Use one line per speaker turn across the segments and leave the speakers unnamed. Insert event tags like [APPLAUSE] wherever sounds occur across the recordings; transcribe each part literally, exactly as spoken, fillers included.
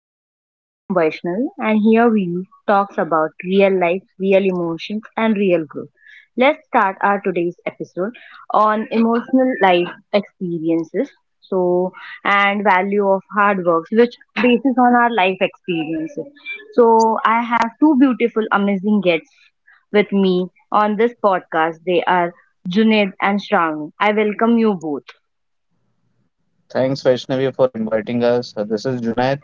podcast. I am Vaishnavi and here we talks about real life, real emotions and real growth. Let's start our today's episode on emotional life experiences. So and value of hard works which bases on our life experiences. So I have two beautiful amazing guests with me on this podcast. They are Junaid and Shravani. I welcome you both.
Thanks, Vaishnavi, for inviting us. Uh, This is Junaid.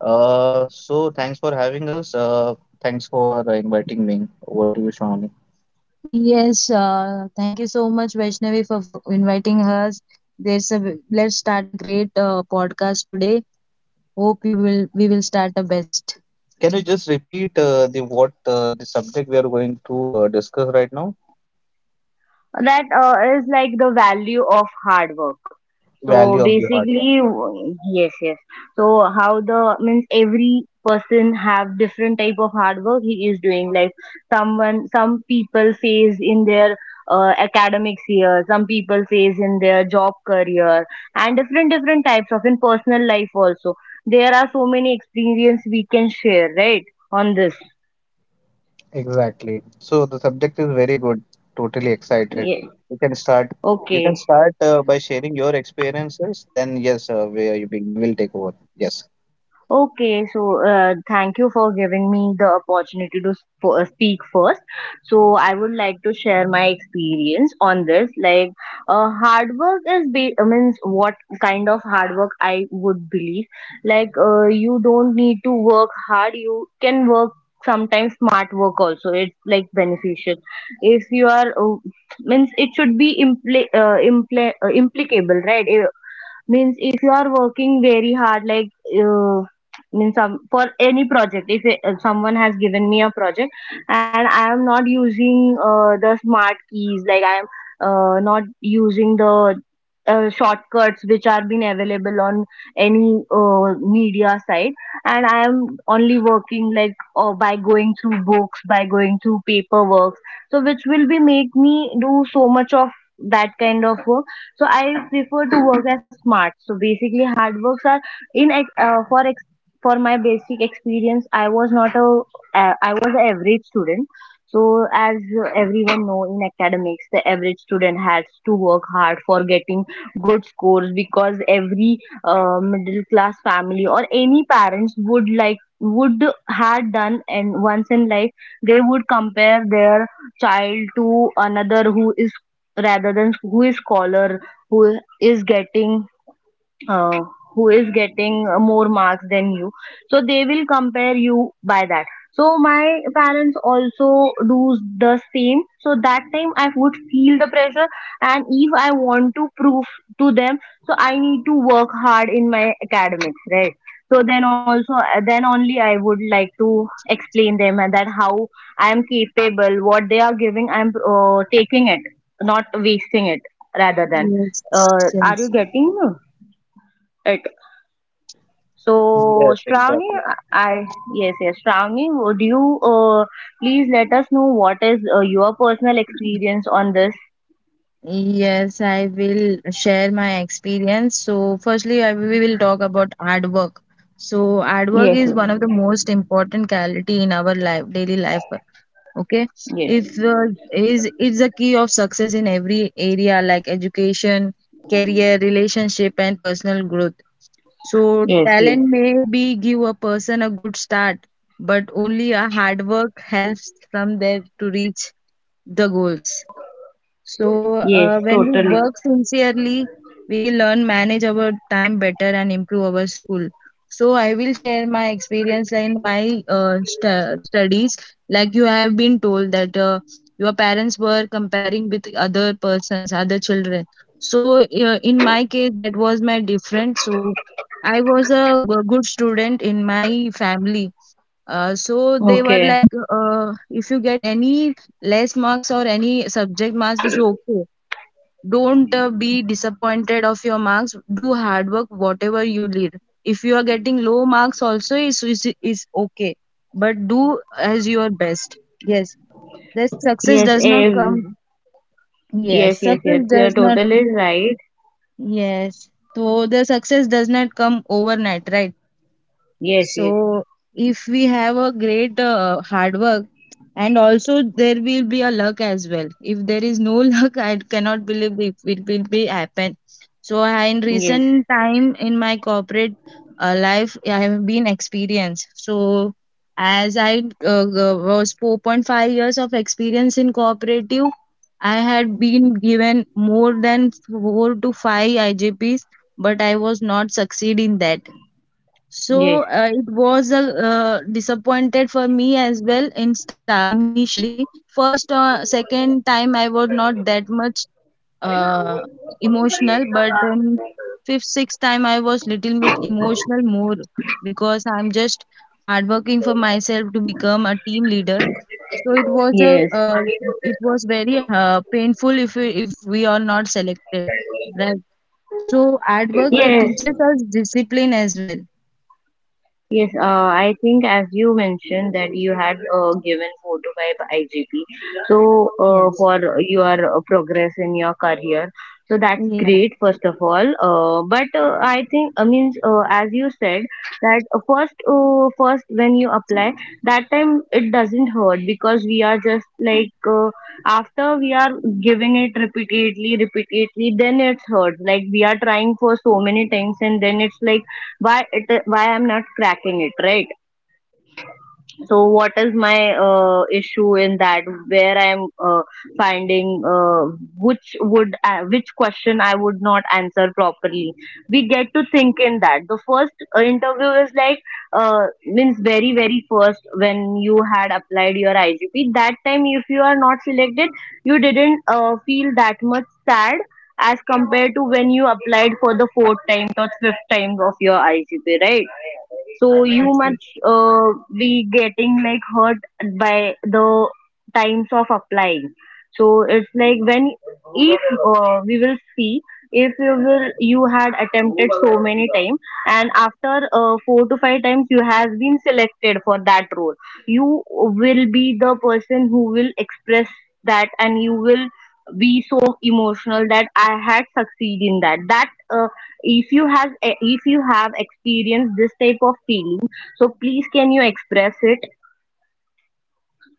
Uh, so, thanks for having us. Uh, thanks for uh, inviting me. Over to you, Shravani. Yes, uh, Thank you so much, Vaishnavi, for, for inviting us. There's a let's start a great uh, podcast today. Hope you will we will start the best. Can you just repeat uh, the what uh, the subject we are going to uh, discuss right now?
That uh, is like the value of hard work. So
Value of the hardware.
basically, w- yes, yes. So how the means every person have different type of hard work he is doing. Like someone, some people face in their uh, academics year, some people face in their job career, and different different types of in personal life also. There are so many experience we can share, right? On this,
Exactly. So the subject is very good. Totally excited.
yeah.
You can start. You can
Okay.
start uh, by sharing your experiences. Then yes, uh, we, are- we will take over. Yes.
Okay, so uh, thank you for giving me the opportunity to sp- uh, speak first. So I would like to share my experience on this. Like, uh, hard work is be- uh, means what kind of hard work I would believe. Like, uh, you don't need to work hard. You can work sometimes smart work also. It's like beneficial. If you are uh, means it should be impl- uh, impl- uh, implicable, right? means if you are working very hard like uh, means some for any project if it- if someone has given me a project and I am not using uh, the smart keys like I am uh, not using the uh, shortcuts which are been available on any uh, media site and I am only working like uh, by going through books by going through paperwork so which will be make me do so much of that kind of work so I prefer to work as smart. So basically, hard works are in ex- uh, for ex- for my basic experience. I was not a uh, I was an average student. So as everyone know in academics, the average student has to work hard for getting good scores because every uh, middle class family or any parents would like would had done and once in life they would compare their child to another who is rather than who is scholar who is getting uh, who is getting uh, more marks than you so they will compare you by that so my parents also do the same so that time I would feel the pressure and if I want to prove to them so I need to work hard in my academics right so then also uh, then only I would like to explain them and that how I am capable what they are giving i'm uh, taking it not wasting it rather than
Yes,
uh, are you
yes.
getting uh, it so,
Yes,
Shravani,
exactly.
I yes, yes, Shravani, would you uh, please let us know what is uh, your personal experience on this?
Yes, I will share my experience. So, firstly, I, we will talk about artwork. So, artwork
Yes,
is one of the most important quality in our life, daily life. Okay,
yes,
if uh, is is the key of success in every area like education, career, relationship, and personal growth. So
yes, yes,
talent may be give a person a good start, but only a hard work helps from there to reach the goals. So
yes,
uh, when we
totally.
work sincerely, we will learn manage our time better and improve our school. So I will share my experience in my uh, stu- studies. Like you have been told that uh, your parents were comparing with other persons, other children. So uh, in my case, that was my different. So I was a g- good student in my family, uh, so they were
Okay.
like, uh, if you get any less marks or any subject marks, is okay. Don't uh, be disappointed of your marks. Do hard work, whatever you need. If you are getting low marks, also is is is okay. But do as your best. Yes, the success
Yes,
does not
ev
come.
yes,
Yes,
yes, yes.
success
You're
does not.
totally right.
Yes, so the success does not come overnight, right?
Yes, yes,
So if we have a great uh, hard work, and also there will be a luck as well. If there is no [LAUGHS] luck, I cannot believe it, it will be happen. So I, in
yes,
recent time in my corporate uh, life, I have been experienced. So as I uh, g- was four point five years of experience in cooperative, I had been given more than four to five I J Ps, but I was not succeed in that.
yes,
So uh, it was a uh, disappointed for me as well in star initially. First uh, second time I was not that much uh, emotional, but then fifth sixth time I was little bit emotional more because I'm just hardworking for myself to become a team leader. So it was a
yes,
uh, it was very uh, painful if we, if we are not selected, right? So hard work
yes.
teaches us discipline as well.
Yes, uh, I think as you mentioned that you had uh, given four to five I G P, so uh,
Yes.
for your uh, progress in your career, so that's
Yeah,
great first of all. Uh, but uh, I think I mean uh, as you said that uh, first uh, first when you apply that time it doesn't hurt because we are just like uh, after we are giving it repeatedly repeatedly then it's hurts like we are trying for so many times and then it's like why it why I'm not cracking it right so what is my uh, issue in that where I'm uh, finding uh, which would uh, which question I would not answer properly we get to think in that the first uh, interview is like uh, means very very first when you had applied your igp that time if you are not selected you didn't uh, feel that much sad as compared to when you applied for the fourth time or fifth time of your igp right so you
yes, yes.
must uh, be getting like hurt by the times of applying so it's like when if uh, we will see if you will you had attempted so many times and after uh, four to five times you has been selected for that role you will be the person who will express that and you will be so emotional that I had succeed in that. That uh, if you has if you have experienced this type of feeling, so please can you express it?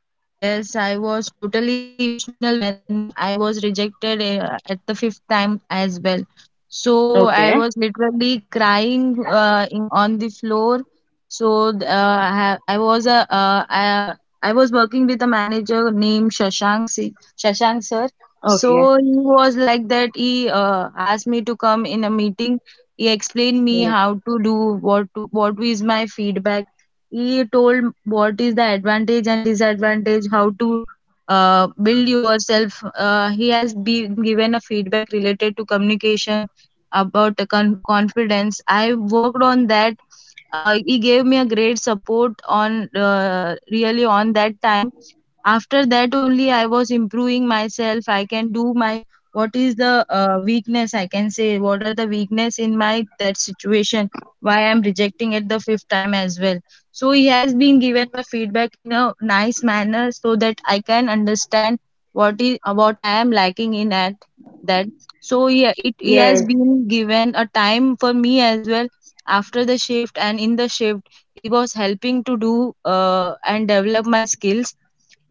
Uh, yes, I was totally emotional when uh, I was rejected uh, at the fifth time as well. So I
Okay.
was literally crying uh, in, on the floor. So th- uh, I, I was a uh, I, I was working with a manager named Shashank Si- Shashank sir.
Okay.
So he was like that. He uh, asked me to come in a meeting. He explained me
Yes.
how to do what to, what is my feedback. He told what is the advantage and disadvantage, how to uh, build yourself. Uh, he has been given a feedback related to communication about the con- confidence. I worked on that. Uh, he gave me a great support on uh, really on that time. After that only I was improving myself. I can do my what is the uh, weakness, I can say what are the weakness in my that situation, why I'm rejecting it the fifth time as well. So he has been given my feedback in a nice manner so that I can understand what is uh, what I am lacking in at that. So yeah, it, he has
Yes.
been given a time for me as well after the shift, and in the shift he was helping to do uh, and develop my skills.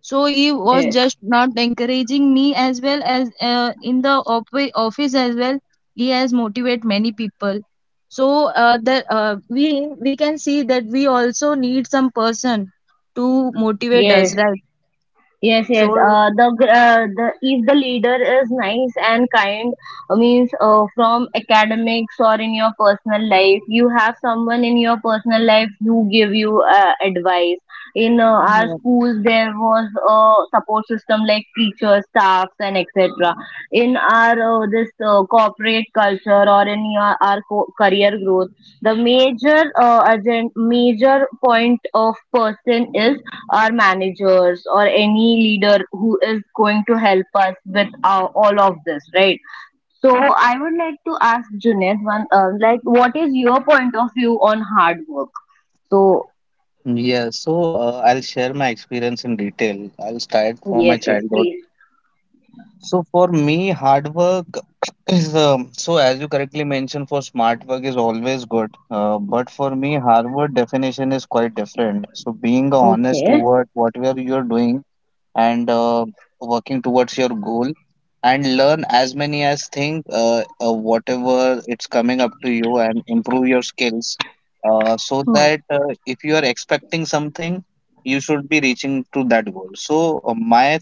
So he was
Yes.
just not encouraging me as well as uh, in the op- office as well. He has motivate many people. So uh, that uh, we we can see that we also need some person to motivate
Yes.
us, right?
Yes, yes.
So
Uh, the gr- uh, the if the leader is nice and kind, uh, means uh, from academics or in your personal life, you have someone in your personal life who give you uh, advice. In uh, our
yeah.
schools, there was a support system like teachers, staffs, and et cetera. In our uh, this uh, corporate culture or in your, our co- career growth. The major uh, agent, major point of person is our managers or any leader who is going to help us with uh, all of this, right? So I would like to ask Junaid one, uh, like, what is your point of view on hard work? So
Yeah, so uh, I'll share my experience in detail. I'll start from my
yes, yes,
childhood.
please.
So for me, hard work [CLEARS THROAT] is um, so as you correctly mentioned, for smart work is always good. Uh, but for me, Harvard definition is quite different. So being honest
Okay.
toward whatever you are doing and uh, working towards your goal, and learn as many as thing uh, uh, whatever it's coming up to you and improve your skills. Uh, so
Hmm.
that uh, if you are expecting something, you should be reaching to that goal. So uh, my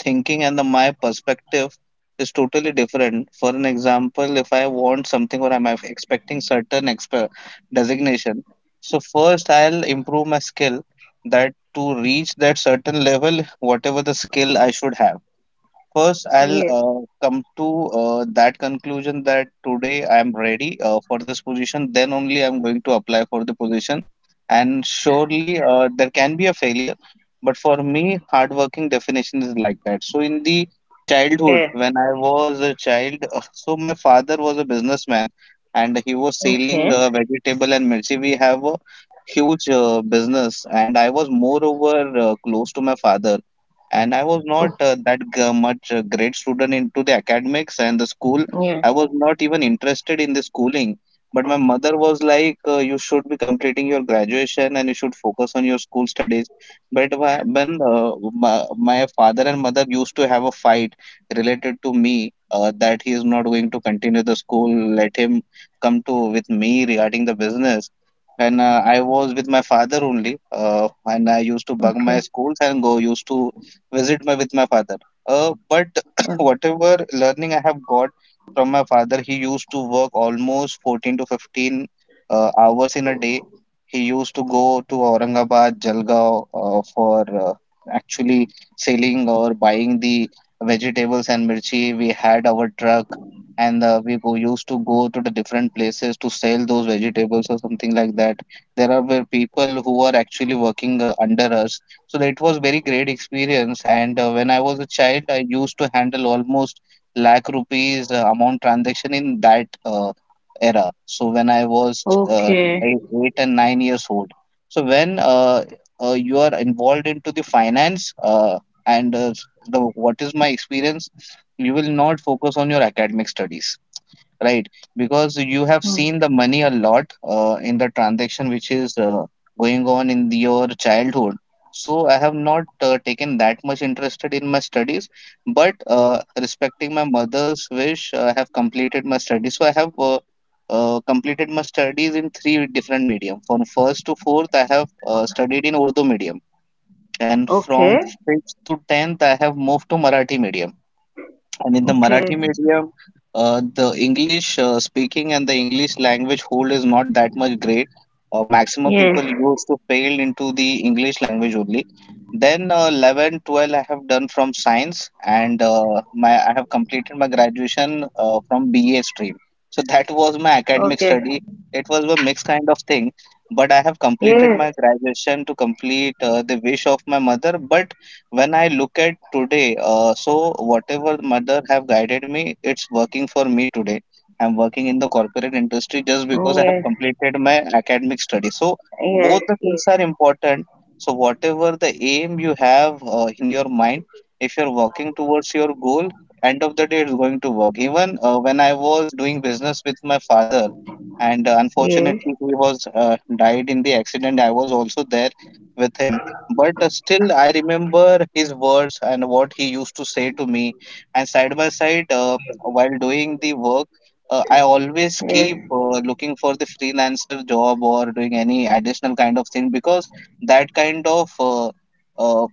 thinking and the my perspective is totally different. For an example, if I want something or I'm expecting certain exp- designation, so first I'll improve my skill that to reach that certain level, whatever the skill I should have. First, I'll
Yes.
uh, come to uh, that conclusion that today I'm ready uh, for this position. Then only I'm going to apply for the position. And surely uh, there can be a failure, but for me, hardworking definition is like that. So in the childhood,
Okay.
when I was a child, uh, so my father was a businessman, and he was
Okay.
selling uh, vegetable and mirchi. We have a huge uh, business, and I was moreover uh, close to my father, and I was not uh, that g- much a great student into the academics and the school.
Yes.
I was not even interested in the schooling. But my mother was like, uh, "You should be completing your graduation and you should focus on your school studies." But wha- when uh, my, my father and mother used to have a fight related to me uh, that he is not going to continue the school, let him come to with me regarding the business. And uh, I was with my father only, uh, and I used to bug
Okay.
my schools and go used to visit my with my father. Uh, but
Uh,
[COUGHS] whatever learning I have got from my father, he used to work almost fourteen to fifteen uh, hours in a day. He used to go to Aurangabad, Jalgaon uh, for uh, actually selling or buying the vegetables and mirchi. We had our truck, and uh, we go, used to go to the different places to sell those vegetables or something like that. There are were people who are actually working uh, under us, so that was very great experience. And uh, when I was a child, I used to handle almost lakh rupees uh, amount transaction in that uh, era. So when I was uh,
Okay.
eight eight and nine years old. So when uh, uh, you are involved into the finance uh, and uh, the what is my experience, you will not focus on your academic studies, right? Because you have
Hmm.
seen the money a lot uh, in the transaction which is uh, going on in your childhood. So I have not uh, taken that much interested in my studies, but uh, respecting my mother's wish, uh, I have completed my studies. So I have uh, uh, completed my studies in three different medium. From first to fourth, I have uh, studied in Urdu medium, and from
Okay.
fifth to tenth, I have moved to Marathi medium. And in the
Okay.
Marathi medium, uh, the English uh, speaking and the English language hold is not that much great. Uh, maximum
Yes.
people used to fail into the English language only. Then uh, eleven, twelve, I have done from science, and uh, my I have completed my graduation uh, from B A stream. So that was my academic
Okay.
study. It was a mixed kind of thing, but I have completed
Yes.
my graduation to complete uh, the wish of my mother. But when I look at today, uh, so whatever mother have guided me, it's working for me today. I'm working in the corporate industry just
Oh.
because I
Yes.
have completed my academic study, so
Yes,
both the
yes,
things are important. So whatever the aim you have uh, in your mind, if you're working towards your goal, end of the day it's going to work. Even uh, when I was doing business with my father, and uh,
yes,
unfortunately he was uh, died in the accident. I was also there with him, but uh, still I remember his words and what he used to say to me. And side by side, uh, while doing the work, uh, I always keep
yes,
uh, looking for the freelancer job or doing any additional kind of thing, because that kind of uh, uh,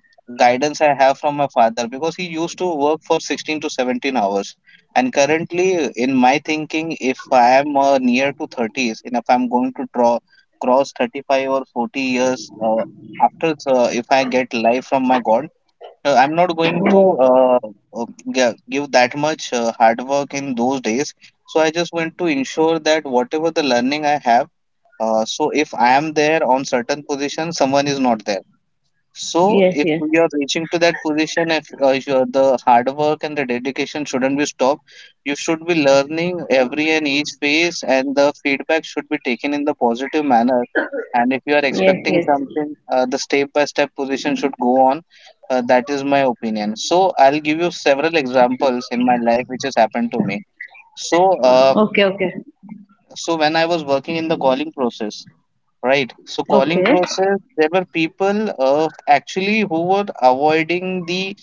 guidance I have from my father, because he used to work for sixteen to seventeen hours. And currently in my thinking, if I am uh, near to thirties, and if I'm going to draw cross thirty-five or forty years, uh, after uh, if I get life from my god, uh, I'm not going to uh, uh, gi- give that much uh, hard work in those days. So I just want to ensure that whatever the learning I have, uh, so if I am there on certain position, someone is not there. So
yes,
if
yes,
we
yes,
are reaching to that position, if uh, if you're the hard work and the dedication shouldn't be stopped, you should be learning every and each phase, and the feedback should be taken in the positive manner. And if you are
yes, yes.
expecting something, uh, the step by step position should go on. Uh, that is my opinion. So I'll give you several examples in my life which has happened to me. So, uh,
Okay, okay,
so when I was working in the calling process, right. So
okay,
calling process, there were people uh, actually who were avoiding the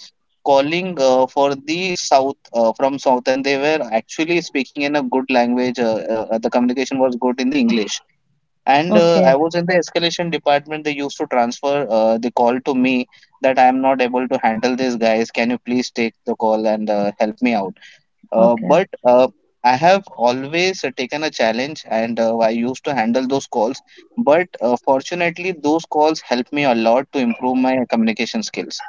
calling uh, for the south uh, from south, and they were actually speaking in a good language. Uh, uh, the communication was good in the English, and uh, I
okay,
was in the escalation department. They used to transfer uh, the call to me that I am not able to handle this guys. Can you please take the call and uh, help me out? Uh,
okay,
but uh, I have always uh, taken a challenge, and uh, I used to handle those calls. But uh, fortunately, those calls help me a lot to improve my communication skills.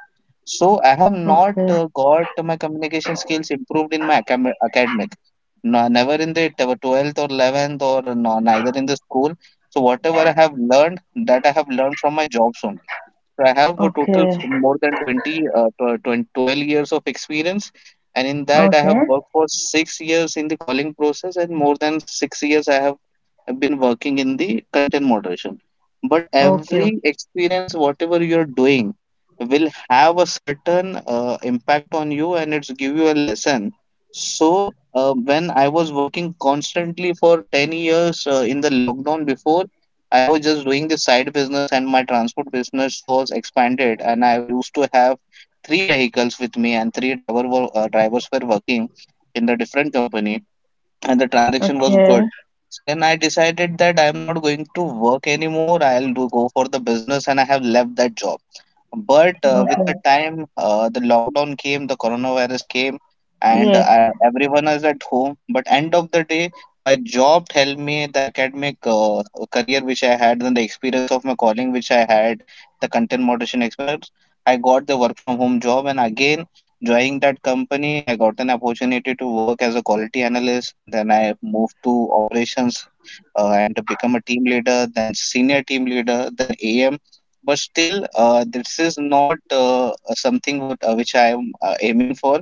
So I have not
okay,
uh, got my communication skills improved in my acam- academics. No, never in the tw- twelfth or eleventh, or no, neither in the school. So whatever I have learned, that I have learned from my jobs only. So I have a total,
okay,
f- more than twenty, uh, tw- twen- twelve years of experience, and in that I have
okay,
worked for six years in the calling process, and more than six years I have been working in the content moderation. But
okay,
every experience, whatever you are doing, will have a certain uh, impact on you, and it's give you a lesson. So uh, when I was working constantly for ten years uh, in the lockdown before, I was just doing the side business, and my transport business was expanded, and I used to have three vehicles with me, and three driver were, uh, drivers were working in the different company, and the transaction was good.
okay,
So then I decided that I am not going to work anymore. I'll do, go for the business, and I have left that job. But uh, with the
okay.
time, uh, the lockdown came, the coronavirus came, and
Yes,
uh, everyone is at home. But end of the day, my job helped me, the academic uh, career which I had, then the experience of my calling which I had, the content moderation experience. I got the work from home job, and again, joining that company, I got an opportunity to work as a quality analyst. Then I moved to operations, uh, and to become a team leader, then senior team leader, then A M. But still uh, this is not uh, uh, something what uh, which I am uh, aiming for.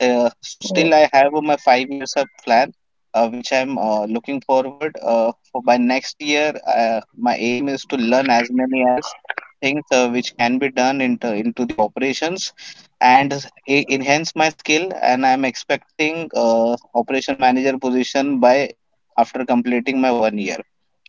uh, So
yes,
still I have uh, my five years of plan, uh, which I'm uh, looking forward uh, for by next year. Uh, my aim is to learn as many as things uh, which can be done into into the operations, and s- e- enhance my skill. And I'm expecting uh, operation manager position by after completing my one year.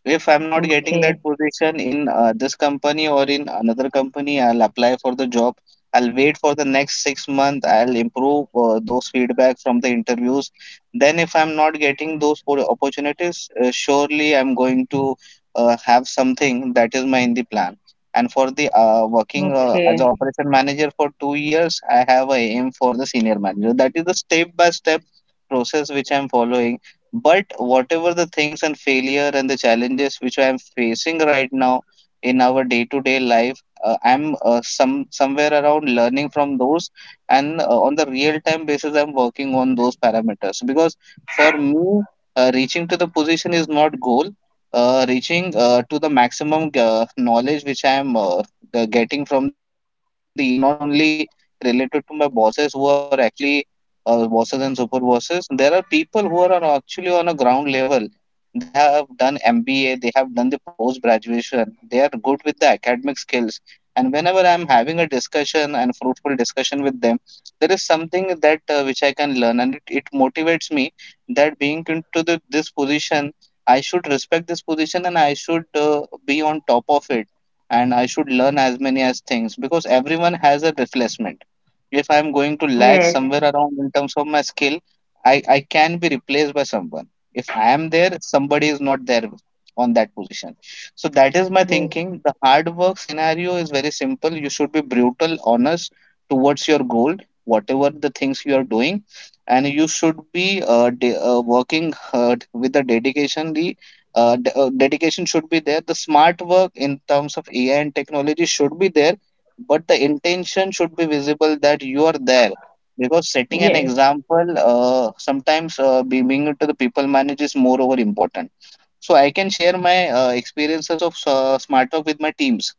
If I'm not getting that
okay,
position in uh, this company or in another company, I'll apply for the job. I'll wait for the next six months. I'll improve uh, those feedback from the interviews. Then, if I'm not getting those po- opportunities, uh, surely I'm going to uh, have something that is my in the plan. And for the uh, working uh, as an
okay,
operation manager for two years, I have a aim for the senior manager. That is the step by step process which I'm following. But whatever the things and failure and the challenges which I am facing right now in our day-to-day life, uh, I'm uh, some somewhere around learning from those, and uh, on the real-time basis, I'm working on those parameters. Because for me, uh, reaching to the position is not goal. Uh, reaching uh, to the maximum uh, knowledge which I am uh, g- getting from the each and everyone, it's not only related to my bosses who are actually uh, bosses and super bosses. There are people who are on- actually on a ground level. They have done M B A, they have done the post graduation, they are good with the academic skills. And whenever I'm having a discussion and fruitful discussion with them, there is something that uh, which I can learn, and it, it motivates me that being into the, this position, I should respect this position and I should uh, be on top of it, and I should learn as many as things, because everyone has a reflex. If I'm going to lag
yes,
somewhere around in terms of my skill, I, I can be replaced by someone. If I am there, somebody is not there on that position. So that is my
yes,
thinking. The hard work scenario is very simple. You should be brutal, honest towards your goal, whatever the things you are doing, and you should be uh, de- uh, working hard with a dedication. The uh, de- uh, dedication should be there. The smart work in terms of A I and technology should be there, but the intention should be visible that you are there, because setting an
yes.
example uh, sometimes uh, be- being it to the people manager is more over important. So I can share my uh, experiences of uh, smart talk with my teams,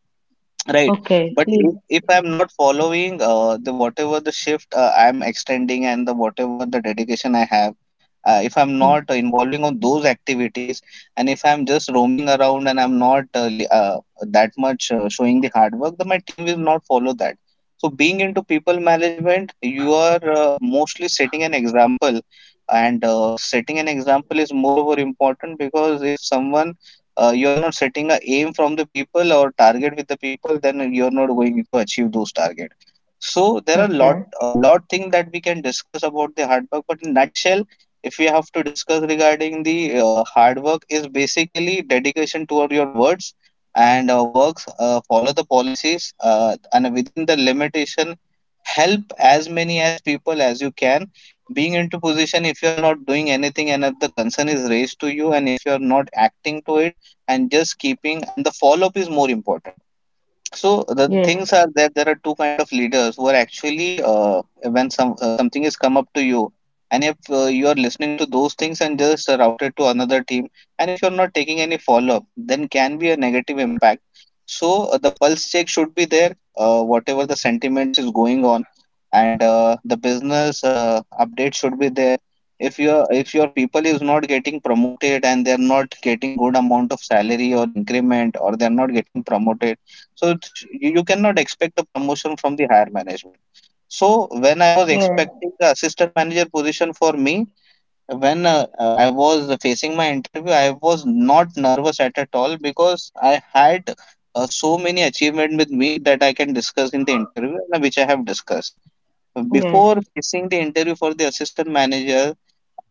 right.
Okay,
But
please.
if, if I'm not following uh, the whatever the shift uh, I'm extending, and the whatever the dedication I have, uh, if I'm not involving on those activities, and if I'm just roaming around and I'm not uh, li- uh, that much uh, showing the hard work, then my team will not follow that. So being into people management, you are uh, mostly setting an example, and uh, setting an example is moreover important, because if someone uh, you're not setting a aim from the people or target with the people, then you're not going to achieve those target. So there are
Okay,
lot a lot thing that we can discuss about the hard work, but in nutshell, if we have to discuss regarding the uh, hard work, is basically dedication toward your words and uh, works, uh, follow the policies uh, and within the limitation, help as many as people as you can. Being into position, if you're not doing anything, and if the concern is raised to you, and if you're not acting to it, and just keeping, and the follow up is more important. So
yes,
the, the things are that there are two kind of leaders who are actually, uh, when some uh, something is come up to you, and if uh, you are listening to those things and just uh, route it to another team, and if you're not taking any follow up, then can be a negative impact. So uh, the pulse check should be there, uh, whatever the sentiments is going on, and uh, the business uh, update should be there. If your if your people is not getting promoted, and they're not getting good amount of salary or increment, or they're not getting promoted, so it's, you you cannot expect the promotion from the higher management. So when I
yes,
was expecting the assistant manager position for me, when uh, uh, I was facing my interview, I was not nervous at at all, because I had uh, so many achievement with me that I can discuss in the interview, and which I have discussed
yes.
before facing the interview for the assistant manager.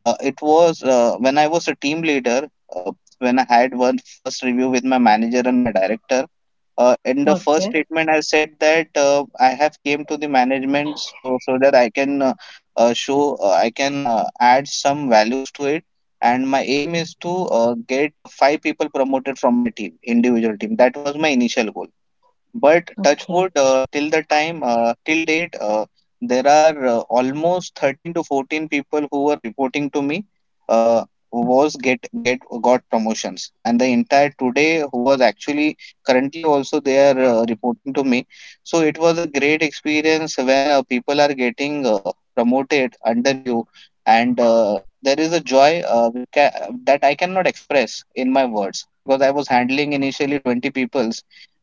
uh, It was uh, when I was a team leader, uh, when I had one first review with my manager and my director. Uh,
Okay,
in the first statement I said that uh, I have came to the management, so so that I can uh, uh, show uh, I can uh, add some values to it. And my aim is to uh, get uh, five people promoted from my team, individual team. That was my initial goal.
okay,
But touch wood, uh, till the time, uh, till date, uh, there are uh, almost thirteen to fourteen people who were reporting to me, uh, was get get got promotions. And the entire today who was actually currently also, they are uh, reporting to me. So it was a great experience when uh, people are getting uh, promoted under you, and uh, there is a joy uh, we ca- that I cannot express in my words, because I was handling initially twenty people,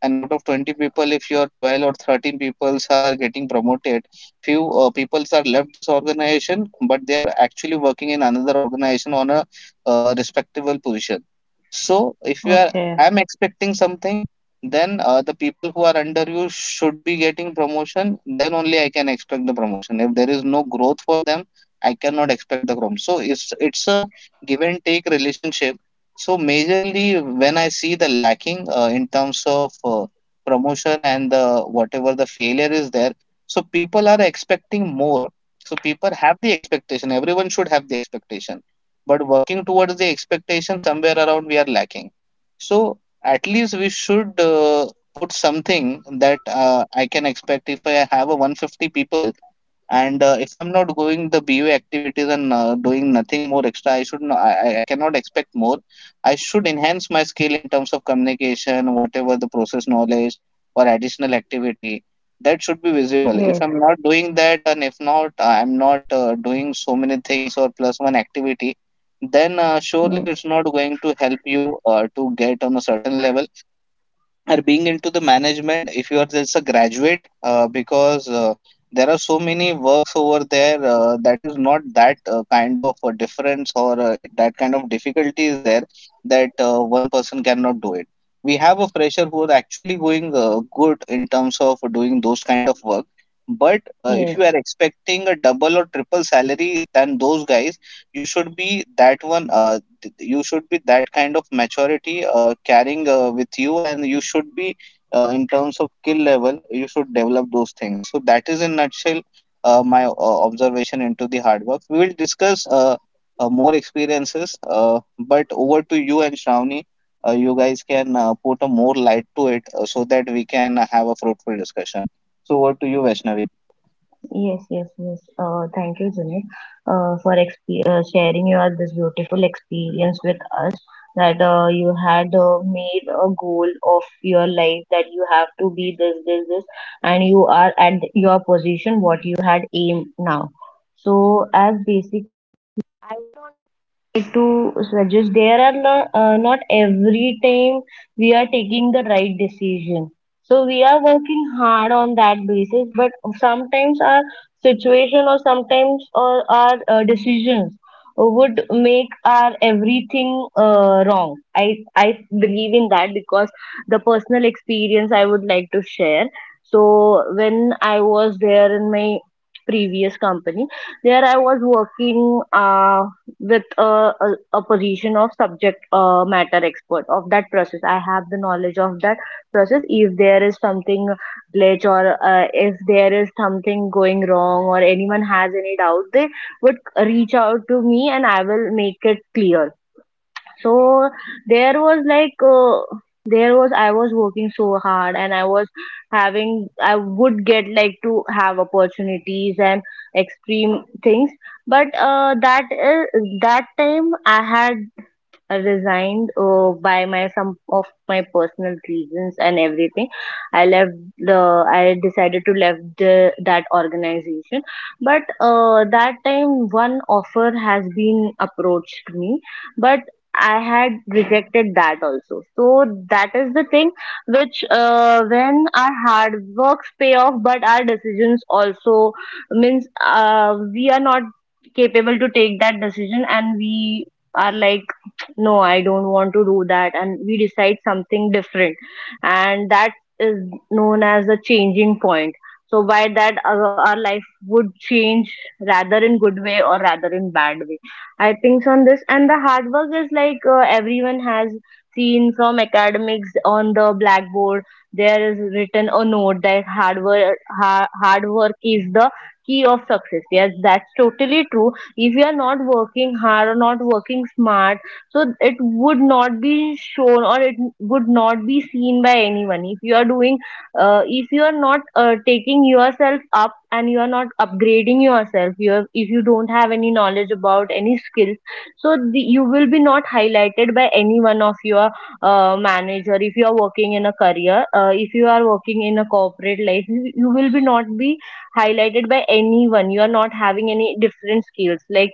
and out of twenty people, if your twelve or thirteen peoples are getting promoted, few uh, peoples are left this organization but they are actually working in another organization on a uh, respectable position. So
okay.
if you are I'm expecting something, then uh, the people who are under you should be getting promotion. Then only I can expect the promotion. If there is no growth for them, I cannot expect the growth. So it's it's a give and take relationship. So majorly, when I see the lacking uh, in terms of uh, promotion and the whatever the failure is there, so people are expecting more. So people have the expectation. Everyone should have the expectation, but working towards the expectation somewhere around we are lacking. So at least we should uh, put something that uh, I can expect if I have a 150 people. And uh, if I'm not going the B U activities and uh, doing nothing more extra, I should not, I, I I cannot expect more. I should enhance my skill in terms of communication, whatever the process knowledge or additional activity, that should be visible.
Yes,
If I'm not doing that, and if not, I'm not uh, doing so many things or plus one activity, then uh, surely it's
yes,
not going to help you uh, to get on a certain level or being into the management if you are just a graduate uh, because uh, there are so many works over there uh, that is not that uh, kind of a difference or uh, that kind of difficulty is there that uh, one person cannot do it. We have a fresher who is actually going uh, good in terms of doing those kind of work. But uh, if you
yes,
are expecting a double or triple salary than those guys, you should be that one uh, th- you should be that kind of maturity uh, carrying uh, with you, and you should be uh, in terms of skill level you should develop those things. So that is in nutshell uh, my uh, observation into the hard work. We will discuss uh, uh, more experiences, uh, but over to you and Shravani. Uh, you guys can uh, put a more light to it uh, so that we can have a fruitful discussion. So over to you, Vaishnavi.
Yes, yes, yes. Uh, thank you, Junaid, uh, for exp- uh, sharing your this beautiful experience with us. That uh, you had uh, made a goal of your life that you have to be this, this, this, and you are at your position what you had aimed now. So, as basic I would want like to suggest there are not, uh, not every time we are taking the right decision so we are working hard on that basis but sometimes our situation or sometimes or our uh, decisions would make our everything uh, wrong i i believe in that because the personal experience I would like to share so when I was there in my previous company there I was working uh, with a, a, a position of subject uh, matter expert of that process I have the knowledge of that process if there is something glitch or uh, if there is something going wrong or anyone has any doubt, they would reach out to me and I will make it clear. So there was like uh, there was I was working so hard and I was having I would get like to have opportunities and extreme things, but uh, that is that time I had I resigned uh, by my some of my personal reasons and everything. I left the I decided to left the, that organization, but uh, that time one offer has been approached me, but I had rejected that also. So that is the thing which uh, when our hard works pay off, but our decisions also means uh, we are not capable to take that decision and we are like no I don't want to do that and we decide something different and that is known as a changing point so by that our, our life would change rather in good way or rather in bad way I think on this and the hard work is like uh, everyone has seen from academics on the blackboard there is written a note that hard work ha- hard work is the key of success yes that's totally true if you are not working hard or not working smart so it would not be shown or it would not be seen by anyone if you are doing uh, if you are not uh, taking yourself up and you are not upgrading yourself you have, if you don't have any knowledge about any skills so the, you will be not highlighted by anyone of your uh, manager if you are working in a career uh, if you are working in a corporate life you, you will be not be highlighted by anyone you are not having any different skills like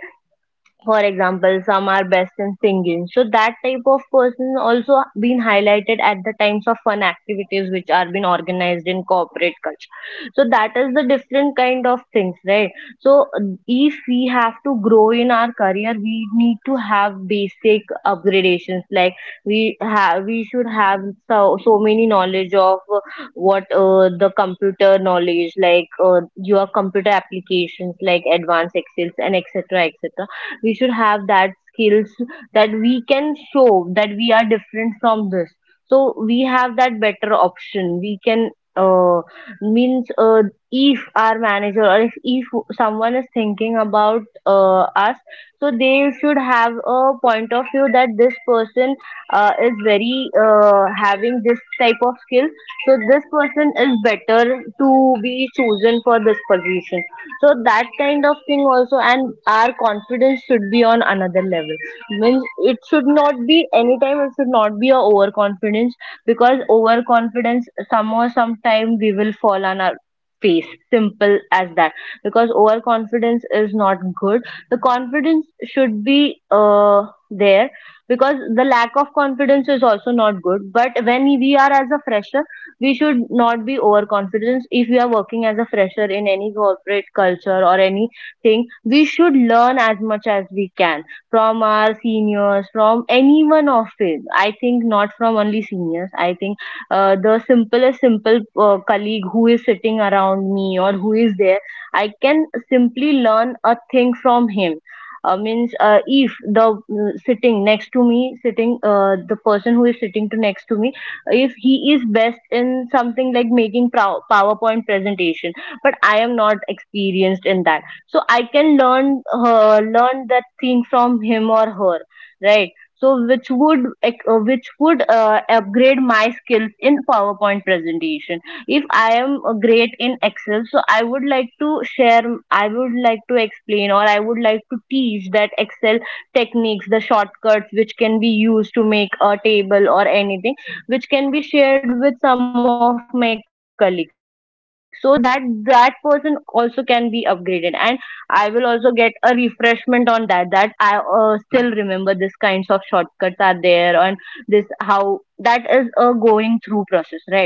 for example some are best in singing so that type of person also been highlighted at the times of fun activities which are being organized in corporate culture so that is the different kind of things right so uh, if we have to grow in our career we need to have basic upgradations like we have we should have so, so many knowledge of uh, what uh, the computer knowledge like uh, your computer applications like advanced excels and etc etc we should have that skills that we can show that we are different from this so we have that better option we can uh, means uh, if our manager or if, if someone is thinking about uh, us so they should have a point of view that This person uh, is very uh, having this type of skill, so this person is better to be chosen for this position. So that kind of thing also, and our confidence should be on another level. Means it should not be anytime. It should not be a overconfidence because overconfidence, some or sometime we will fall on our face. Simple as that. Because overconfidence is not good. The confidence should be uh there because the lack of confidence is also not good. But when we are as a fresher, we should not be overconfident. If we are working as a fresher in any corporate culture or anything, we should learn as much as we can from our seniors, from anyone of it. I think not from only seniors. I think uh, the simplest simple uh, colleague who is sitting around me or who is there, I can simply learn a thing from him. Uh, means uh, If the uh, sitting next to me sitting uh, the person who is sitting to next to me, if he is best in something like making prow- PowerPoint presentation, but I am not experienced in that. So I can learn uh, learn that thing from him or her, right? So which would ec- uh, which would uh, upgrade my skills in PowerPoint presentation. If I am uh, great in Excel, so I would like to share. I would like to explain or I would like to teach that Excel techniques, the shortcuts which can be used to make a table or anything which can be shared with some of my colleagues so that that person also can be upgraded, and I will also get a refreshment on that, that I uh, still remember this kinds of shortcuts are there. And this how that is a going through process, right? So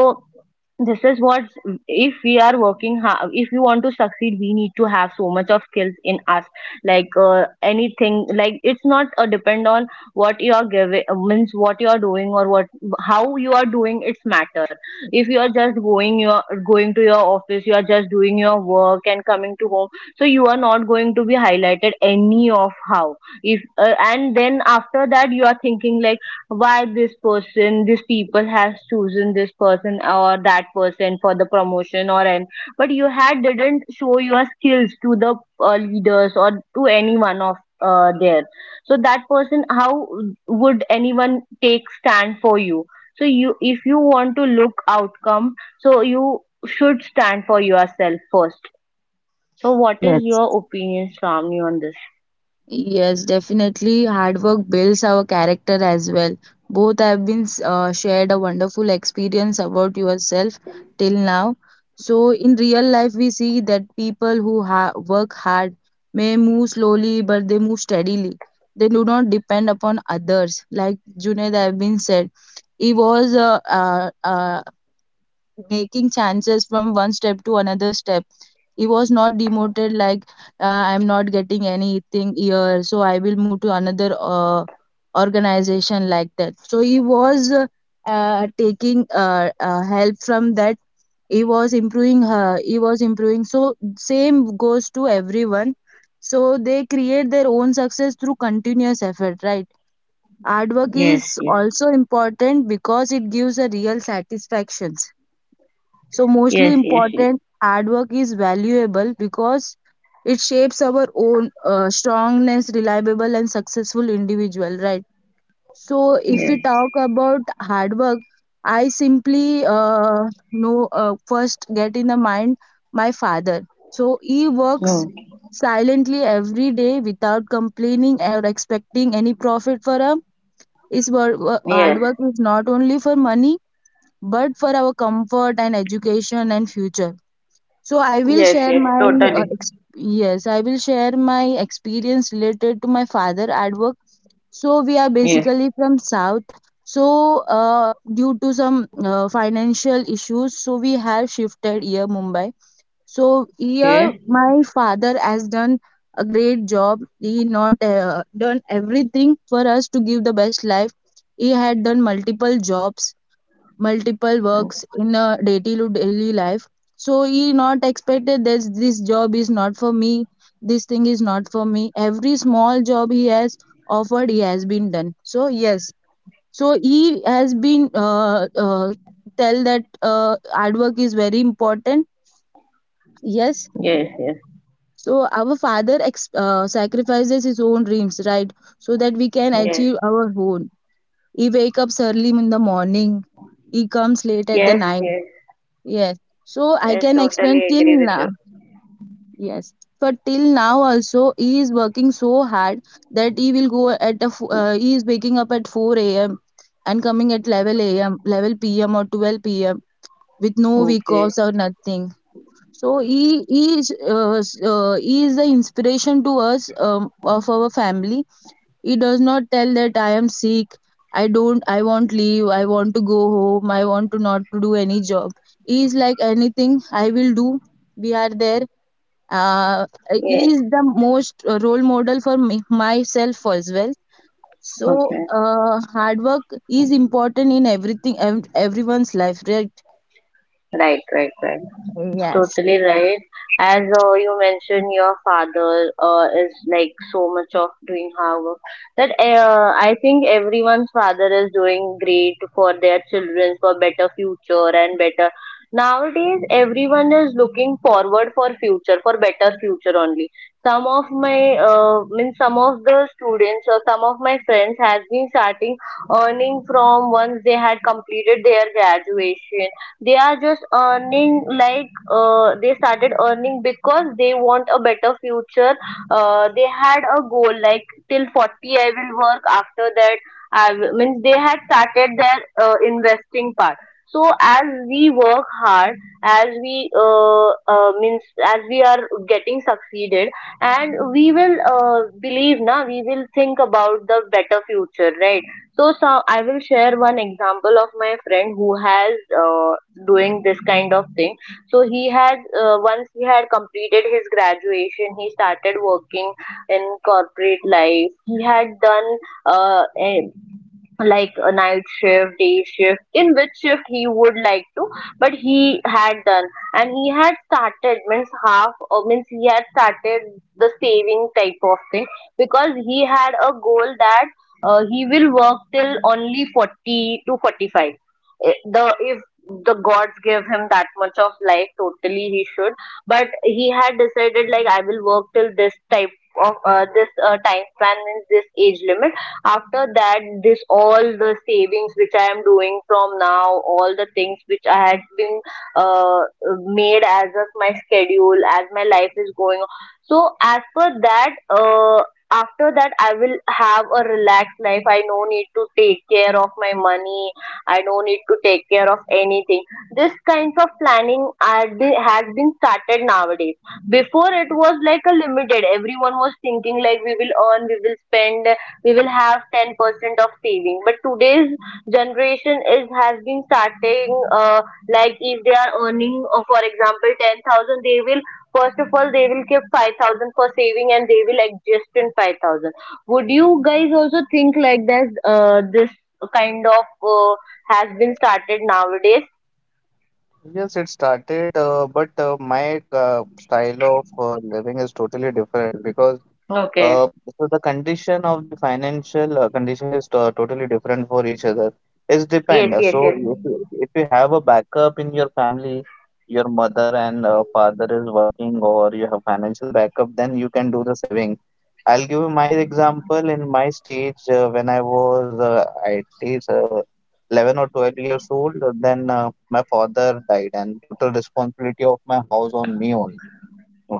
this is what, if we are working ha- if you want to succeed, we need to have so much of skills in us like uh, anything. Like it's not a depend on what you are giving. Means what you are doing or what, how you are doing, it's matter. If you are just going, your going to your office, you are just doing your work and coming to home, so you are not going to be highlighted any of how. If uh, and then after that you are thinking like why this person this people has chosen this person or that person for the promotion or an, but you had didn't show your skills to the uh, leaders or to anyone of uh, there. So that person, how would anyone take stand for you? So you, if you want to look outcome, so you should stand for yourself first. So what is
Yes.
your opinion, Shravani, on this?
Yes, definitely. Hard work builds our character as well. Both have been uh, shared a wonderful experience about yourself till now. So, in real life, we see that people who ha- work hard may move slowly, but they move steadily. They do not depend upon others. Like Junaid have been said, he was uh, uh, uh, making changes from one step to another step. He was not demoted like uh, I'm not getting anything here, so I will move to another uh, organization, like that. So he was uh, uh, taking uh, uh, help from that. He was improving. Uh, he was improving. So same goes to everyone. So they create their own success through continuous effort, right? Hard work
Yes,
is
yes,
also important because it gives a real satisfaction. So
yes,
mostly
yes, yes,
important, hard is valuable because it shapes our own uh, strongness, reliable and successful individual, right? So if
yes.
we talk about hard work, I simply uh, know, uh, first get in the mind my father. So he works
No.
silently every day without complaining or expecting any profit for him. His wor- wo- hard work is not only for money, but for our comfort and education and future. So I will
Yes,
share
yes,
my uh,
totally.
ex- yes, I will share my experience related to my father at work. So we are
Yes.
basically from South. So uh, due to some uh, financial issues, so we have shifted here Mumbai. So here
Okay.
my father has done a great job. He not uh, done everything for us to give the best life. He had done multiple jobs, multiple works in a daily to daily life. So he not expected that this job is not for me, this thing is not for me. Every small job he has offered, he has been done. So yes, so he has been uh, uh, tell that uh, hard work is very important. Yes. So our father ex- uh, sacrifices his own dreams, right, so that we can achieve our own. He wake up early in the morning, he comes late at the night. Yes. So I can explain till now. Yes. But till now also he is working so hard that he will go at a f- uh, he is waking up at four a m and coming at eleven a m eleven p m or twelve p m, with no week
Okay.
offs or nothing. So he he is uh, s- uh, he is the inspiration to us, um, of our family. It does not tell that I am sick, I don't, I want leave, I want to go home, I want to not to do any job. He is like anything I will do. We are there. Uh,
Yes.
he is the most role model for me, myself as well. So
Okay.
uh, hard work is important in everything, ev- everyone's life, right?
Right. Right. Right. It's
Yes.
totally right. As uh, you mentioned, your father uh, is like so much of doing hard work, that uh, I think everyone's father is doing great for their children for better future and better. Nowadays, everyone is looking forward for future, for better future only. Some of my, uh, means some of the students or some of my friends has been starting earning from once they had completed their graduation. They are just earning like uh, they started earning because they want a better future. Uh, they had a goal like till forty I will work. After that, I will, means they had started their uh, investing part. So as we work hard, as we uh, uh, means as we are getting succeeded, and we will uh, believe now we will think about the better future, right? So, so I will share one example of my friend who has uh, doing this kind of thing. So he had uh, once he had completed his graduation, he started working in corporate life. He had done uh, a- like a night shift, day shift, in which shift he would like to, but he had done. And he had started, means half, or means he had started the saving type of thing because he had a goal that uh, he will work till only forty to forty-five. Eh, the if the gods give him that much of life, totally he should. But he had decided like I will work till this type of uh, this uh, time span and this age limit. After that, this all the savings which I am doing from now, all the things which I had been uh, made as of my schedule as my life is going on, so as per that uh, after that I will have a relaxed life. I no need to take care of my money, I no need to take care of anything. This kinds of planning are, the- has been started nowadays. Before it was like a limited. Everyone was thinking like we will earn, we will spend, we will have ten percent of saving. But today's generation is has been starting uh, like if they are earning, uh, for example, ten thousand, they will, first of all they will keep five thousand for saving and they will adjust in five thousand. Would you guys also think like this? Uh, this kind of uh, has been started nowadays.
Yes, it started, uh, but uh, my uh, style of uh, living is totally different because
Okay.
Uh, so the condition of the financial uh, condition is to totally different for each other. It's depend.
Yes,
Uh,
yes,
So
yes.
if you, if you have a backup in your family, your mother and uh, father is working, or you have financial backup, then you can do the saving. I'll give you my example. In my stage, uh, when I was uh, at least uh, eleven or twelve years old, uh, then uh, my father died, and total responsibility of my house on me only.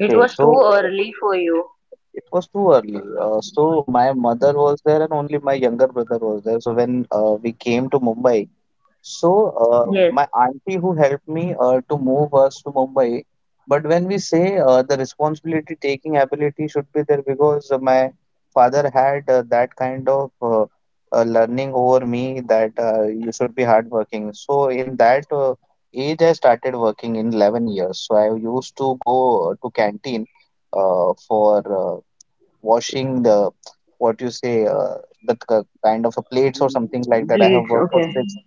It was too
so
early for you.
it was too early. Uh, so my mother was there and only my younger brother was there. So when uh, we came to Mumbai, so uh,
Yes.
my auntie who helped me uh, to move us to Mumbai. But when we say uh, the responsibility taking ability should be there, because uh, my father had uh, that kind of uh, uh, learning over me that uh, you should be hardworking. So in that uh, age, I started working in eleven years. So I used to go uh, to canteen uh, for uh, washing the, what you say, uh, the k- kind of a plates or something like that. I have
Blades,
worked for
okay.
six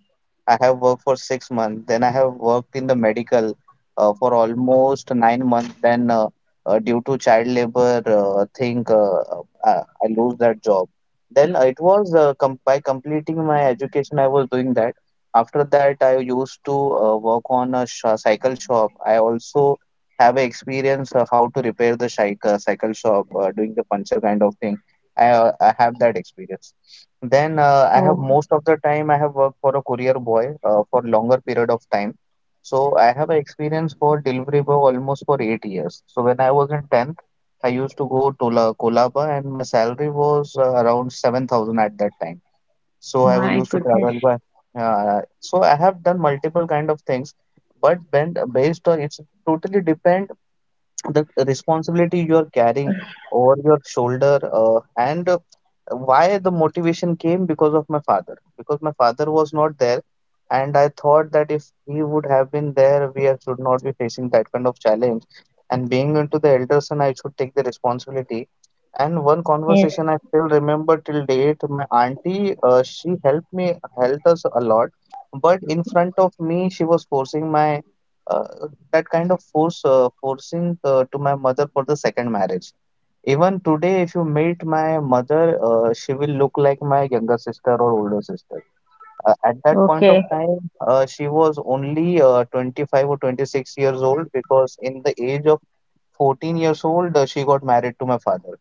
I have worked for six months. Then I have worked in the medical uh, for almost nine months. Then, uh, uh, due to child labor uh, thing, uh, uh, uh, I lose that job. Then uh, it was uh, com by completing my education, I was doing that. After that, I used to uh, work on a sh cycle shop. I also have a experience uh, how to repair the cycle cycle shop, uh, doing the puncture kind of thing. I uh, I have that experience. Then uh, I have
Oh
most of the time I have worked for a courier boy uh, for longer period of time. So I have a experience for delivery boy almost for eight years. So when I was in tenth, I used to go to La Kolaba and my salary was uh, around seven thousand at that time. So I was
my
used to
goodness.
travel by. Uh, so I have done multiple kind of things, but then based on it's totally depend the responsibility you are carrying over your shoulder uh, and uh, why the motivation came, because of my father, because my father was not there, and I thought that if he would have been there, we are- should not be facing that kind of challenge. And being into the elder son, I should take the responsibility. And one
Yes.
conversation I still remember till date. My auntie, uh, she helped me helped us a lot, but in front of me she was forcing my uh, that kind of force uh, forcing uh, to my mother for the second marriage. Even today, if you meet my mother, uh, she will look like my younger sister or older sister. Uh, at that point of
Okay.
time, uh, she was only uh, twenty-five or twenty-six years old, because in the age of fourteen years old, uh, she got married to my father.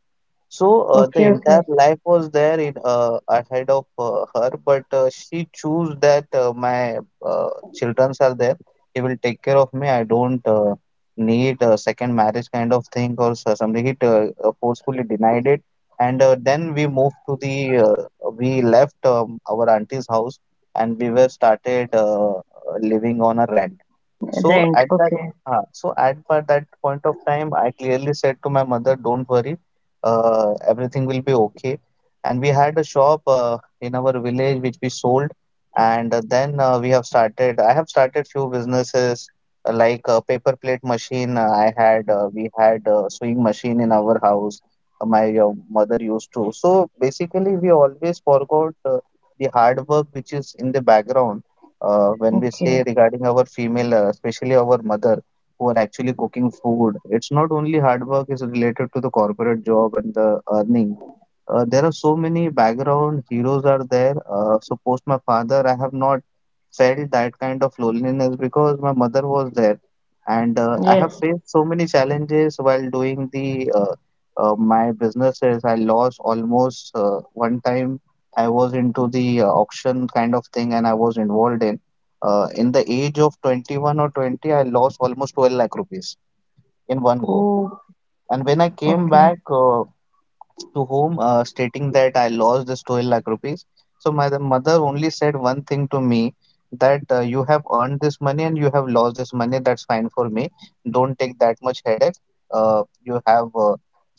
So uh, the
Okay,
entire
okay.
life was there in uh, ahead of uh, her, but uh, she chose that uh, my uh, childrens are there. He will take care of me. I don't uh, need a second marriage kind of thing or so- something. He uh, uh, forcefully denied it, and uh, then we moved to the, uh, we left um, our auntie's house, and we were started uh, uh, living on a rent. So
Rent.
at that,
Okay.
uh, so at pa- that point of time, I clearly said to my mother, "Don't worry, uh, everything will be okay." And we had a shop uh, in our village, which we sold, and uh, then uh, we have started. I have started few businesses uh, like a paper plate machine. Uh, I had uh, We had a sewing machine in our house. uh, My uh, mother used to. So basically, we always forgot uh, the hard work which is in the background uh, when we say
Okay.
regarding our female, uh, especially our mother, who are actually cooking food. It's not only hard work is related to the corporate job and the earning. Uh, there are so many background heroes are there. Uh, so post my father, I have not felt that kind of loneliness because my mother was there, and uh, I have
Yes.
faced so many challenges while doing the uh, uh, my businesses. I lost almost uh, one time. I was into the uh, auction kind of thing, and I was involved in. Uh, in the age of twenty-one or twenty, I lost almost twelve lakh rupees in one go.
Oh,
And when I came
okay.
back, uh, to whom, uh, stating that I lost this twelve lakh rupees. So my mother only said one thing to me that uh, you have earned this money and you have lost this money. That's fine for me. Don't take that much headache. Uh, you have uh,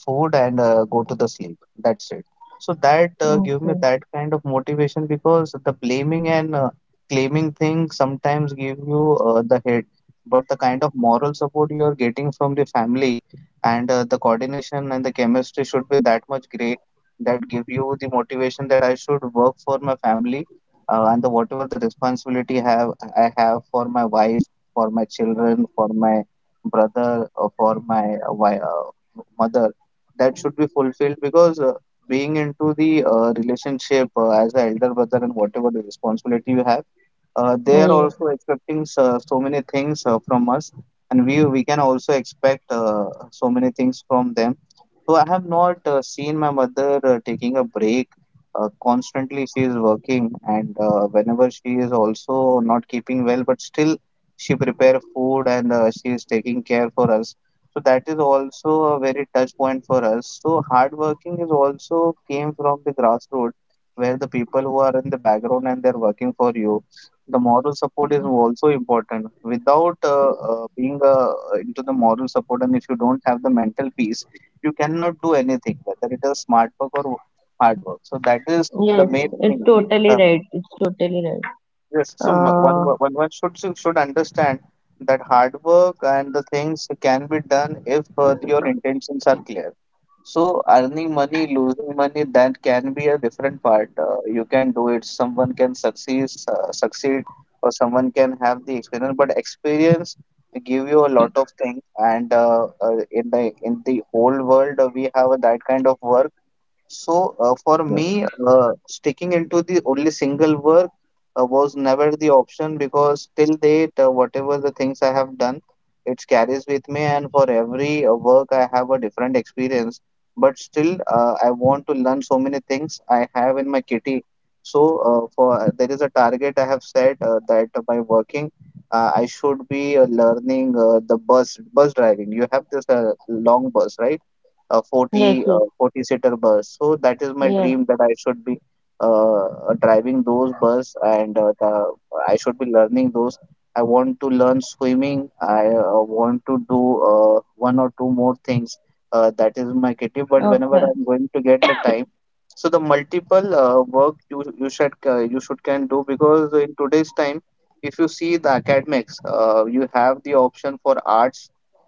food and uh, go to the sleep. That's it. So that uh, gave me
Okay.
that kind of motivation, because the blaming and uh, claiming thing sometimes give you uh, the head, but the kind of moral support you are getting from the family and uh, the coordination and the chemistry should be that much great that give you the motivation that I should work for my family uh, and the whatever the responsibility have I have for my wife, for my children, for my brother, or for my uh, wi- uh, mother, that should be fulfilled. Because uh, being into the uh, relationship uh, as an elder brother and whatever the responsibility you have, uh, they are
Yes.
also expecting so, so many things uh, from us, and we we can also expect uh, so many things from them. So I have not uh, seen my mother uh, taking a break. Uh, constantly she is working, and uh, whenever she is also not keeping well, but still she prepare food and uh, she is taking care for us. So that is also a very touch point for us. So hard working is also came from the grassroots, where the people who are in the background and they're working for you, the moral support is also important. Without uh, uh, being uh, into the moral support, and if you don't have the mental peace, you cannot do anything, whether it is smart work or hard work. So that is the
Yes.
main
It's
thing.
totally
uh,
right. It's totally right.
Yes, so m- one
Uh,
one one should should should understand that hard work and the things can be done if uh, your intentions are clear. So earning money, losing money, that can be a different part. Uh, you can do it. Someone can succeed, uh, succeed, or someone can have the experience. But experience give you a lot of things. And uh, uh, in the in the whole world, uh, we have that kind of work. So uh, for me, uh, sticking into the only single work uh, was never the option, because till date, uh, whatever the things I have done, it carries with me, and for every uh, work I have a different experience. But still, uh, I want to learn so many things I have in my kitty. So uh, for there is a target I have set uh, that by working, uh, I should be uh, learning uh, the bus bus driving. You have this uh, long bus, right? A
yes,
forty
yes.
uh, forty seater bus. So that is my
Yes.
dream that I should be uh, driving those bus and uh, the, I should be learning those. I want to learn swimming. I uh, want to do uh, one or two more things. Uh, that is my kitty. But whenever
Okay.
I'm going to get the time, so the multiple uh, work you you should uh, you should can do, because in today's time, if you see the academics, uh, you have the option for arts,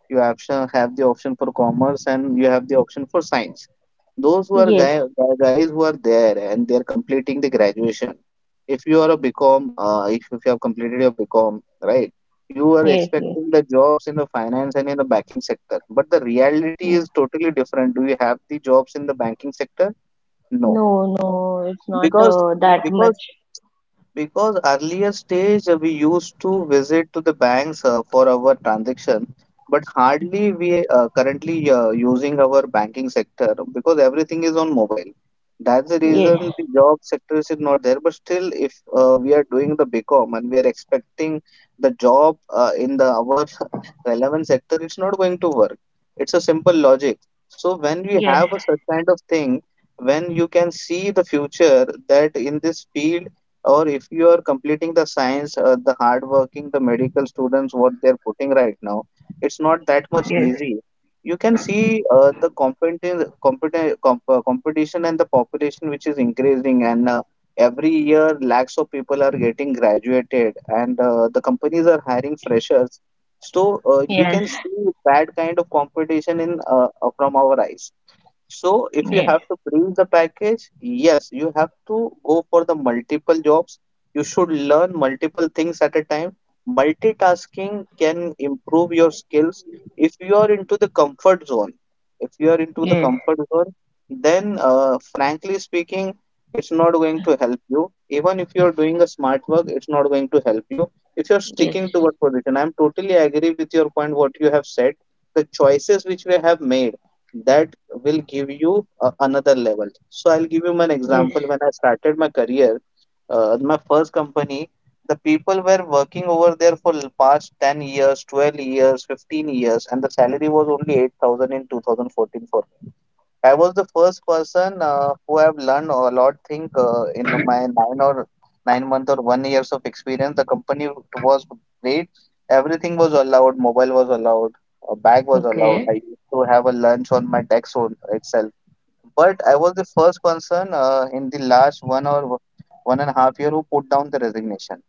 you option have the option for commerce, and you have the option for science. Those who are
Yes.
guy, guys who are there and they're completing the graduation, if you are a BCom, uh, if, if you have completed your BCom, right, you are
Yes, yes.
expecting the jobs in the finance and in the banking sector, but the reality
Yes.
is totally different. Do you have the jobs in the banking sector? No.
No, no, it's not
because
uh, that
because
much.
because earlier stage uh, we used to visit to the banks uh, for our transaction, but hardly we uh, currently uh, using our banking sector because everything is on mobile. That's the reason
Yes.
the job sector is not there. But still, if uh, we are doing the BCom and we are expecting the job uh, in the our [LAUGHS] relevant sector, it's not going to work. It's a simple logic. So when we
Yes.
have a such kind of thing, when you can see the future that in this field, or if you are completing the science, uh, the hardworking the medical students what they're putting right now, it's not that much
Yes.
easy. You can see uh, the competition competi- comp- uh, competition and the population which is increasing, and uh, every year lakhs of people are getting graduated, and uh, the companies are hiring freshers. So uh, we
Yes.
can see that kind of competition in uh, uh, from our eyes. So if you
Yes,
have to bring the package, yes, you have to go for the multiple jobs. You should learn multiple things at a time. Multitasking can improve your skills. If you are into the comfort zone, if you are into the
yes,
comfort zone, then uh, frankly speaking, it's not going to help you. Even if you're doing a smart work, it's not going to help you. If you're
yes,
sticking to one position, I'm totally agree with your point, what you have said. The choices which we have made, that will give you a, another level. So I'll give you an
yes.
example. When I started my career, uh, my first company, the people were working over there for the past ten years, twelve years, fifteen years, and the salary was only eight thousand in two thousand fourteen for me. I was the first person uh, who have learned a lot thing uh, in my nine or nine month or one years of experience. The company was great. Everything was allowed. Mobile was allowed. A bag was allowed. I
Okay.
used to have a lunch on my tax on itself. But I was the first person uh, in the last one or one and a half year who put down the resignation.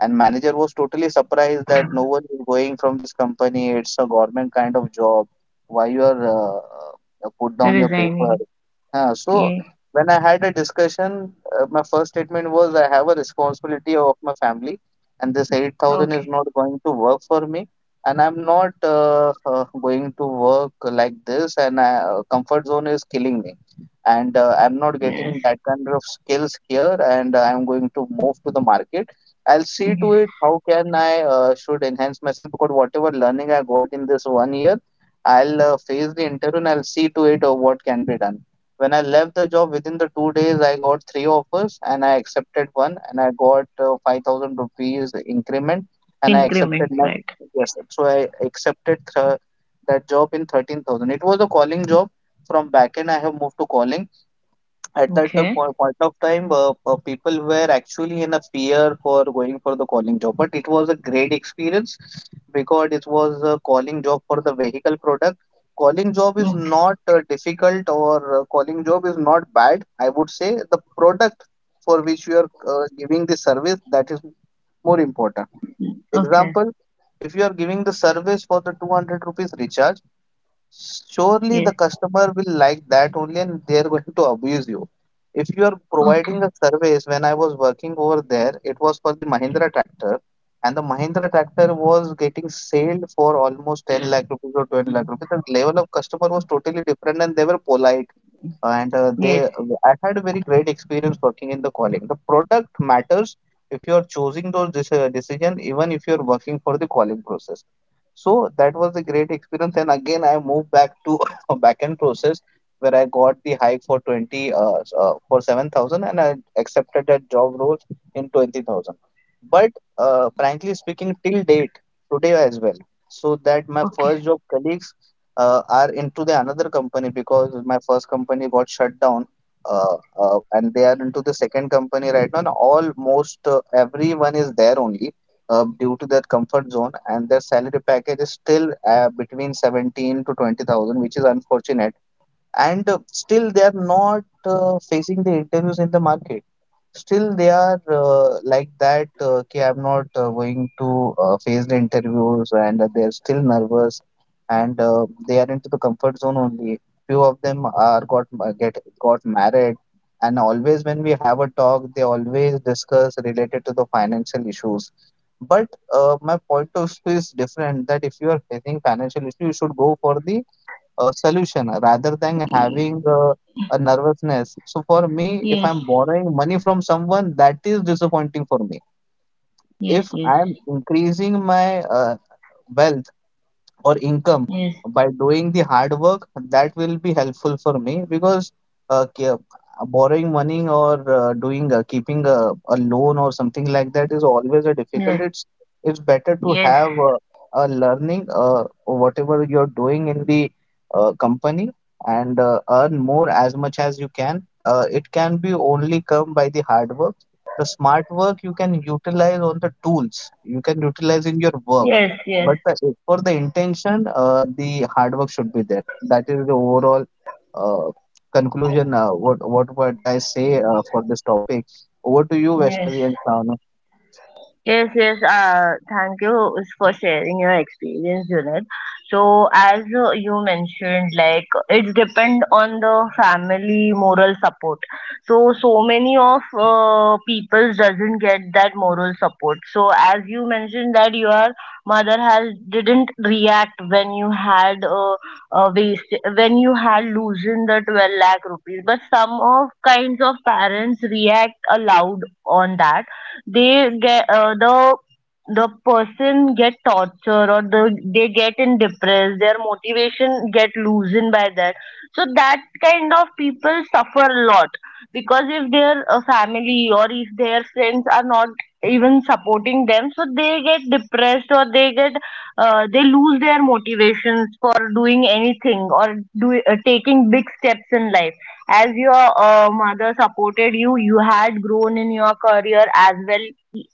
And manager was totally surprised that no one is going from this company. It's a government kind of job. Why you are uh, uh, put down your paper?
Resigning.
Huh. So
Yeah.
when I had a discussion, uh, my first statement was I have a responsibility of my family, and this eight thousand is
Okay.
not going to work for me, and I'm not uh, uh, going to work like this, and uh, comfort zone is killing me, and uh, I'm not getting
Yes.
that kind of skills here, and I'm going to move to the market. I'll see to it
Yes.
how can I uh, should enhance myself, because whatever learning I got in this one year, I'll uh, face the interview and I'll see to it of what can be done. When I left the job within the two days, I got three offers and I accepted one, and I got uh, five thousand rupees increment, and I
Increment,
accepted my
right?
yes. Sir. So I accepted th- that job in thirteen thousand. It was a calling job. From backend, I have moved to calling at that uh,
Okay.
po- point of time. Uh, uh, people were actually in a fear for going for the calling job, but it was a great experience because it was a calling job for the vehicle product. Calling job is
Okay.
not uh, difficult, or uh, calling job is not bad. I would say the product for which you are uh, giving the service, that is more important.
Okay.
Example, if you are giving the service for the two hundred rupees recharge, surely the
Yes.
customer will like that only, and they're going to abuse you. If you are
Okay.
providing a service, when I was working over there, it was for the Mahindra tractor, and the Mahindra tractor was getting sold for almost ten lakh rupees or twenty lakh rupees. The level of customer was totally different, and they were polite. And uh,
Yes.
they, I had a very great experience working in the calling. The product matters if you are choosing those deci- decision, even if you are working for the calling process. So that was a great experience. And again, I moved back to [LAUGHS] a backend process where I got the hike for 20 uh, s- uh, for seven thousand and I accepted that job role in twenty thousand. But uh, frankly speaking, till date, today as well, so that my
Okay.
first job colleagues uh, are into the another company because my first company got shut down. Uh, uh, and they are into the second company right now. And almost uh, everyone is there only uh, due to their comfort zone, and their salary package is still uh, between seventeen to twenty thousand, which is unfortunate. And uh, still, they are not uh, facing the interviews in the market. Still, they are uh, like that. Uh, okay, I'm not uh, going to uh, face the interviews, and uh, they're still nervous, and uh, they are into the comfort zone only. Few of them are got ma- get got married, and always when we have a talk, they always discuss related to the financial issues. But uh, my point of view is different that if you are facing financial issue, you should go for the a solution rather than having uh, a nervousness. So for me, if
Yes.
I'm borrowing money from someone, that is disappointing for me.
Yes.
If
Yes.
I'm increasing my uh, wealth or income
Yes.
by doing the hard work that will be helpful for me because uh, ke- borrowing money or uh, doing uh, keeping a, a loan or something like that is always a difficult
Yes.
it's it's better to
Yes.
have uh, a learning uh, whatever you're doing in the uh, company and uh, earn more as much as you can uh, it can be only come by the hard work the smart work you can utilize on the tools you can utilize in your work
Yes. Yes.
but the, for the intention, uh, the hard work should be there. That is the overall uh, conclusion. Uh, what what what I say uh, for this topic. Over to you,
Yes.
Vaishnavi and Sanu.
Yes, yes, uh, thank you for sharing your experience, Junaid. So, as uh, you mentioned, like it's depend on the family moral support. So, so many of uh, people doesn't get that moral support. So, as you mentioned that your mother has didn't react when you had uh, uh, waste, when you had loosened the twelve lakh rupees. But some of kinds of parents react aloud on that. They get uh, the the person get tortured, or the, they get in depressed, their motivation get loosened by that. So that kind of people suffer a lot because if their uh, family or if their friends are not even supporting them, so they get depressed, or they get uh, they lose their motivations for doing anything, or do uh, taking big steps in life. As your uh, mother supported you, you had grown in your career as well,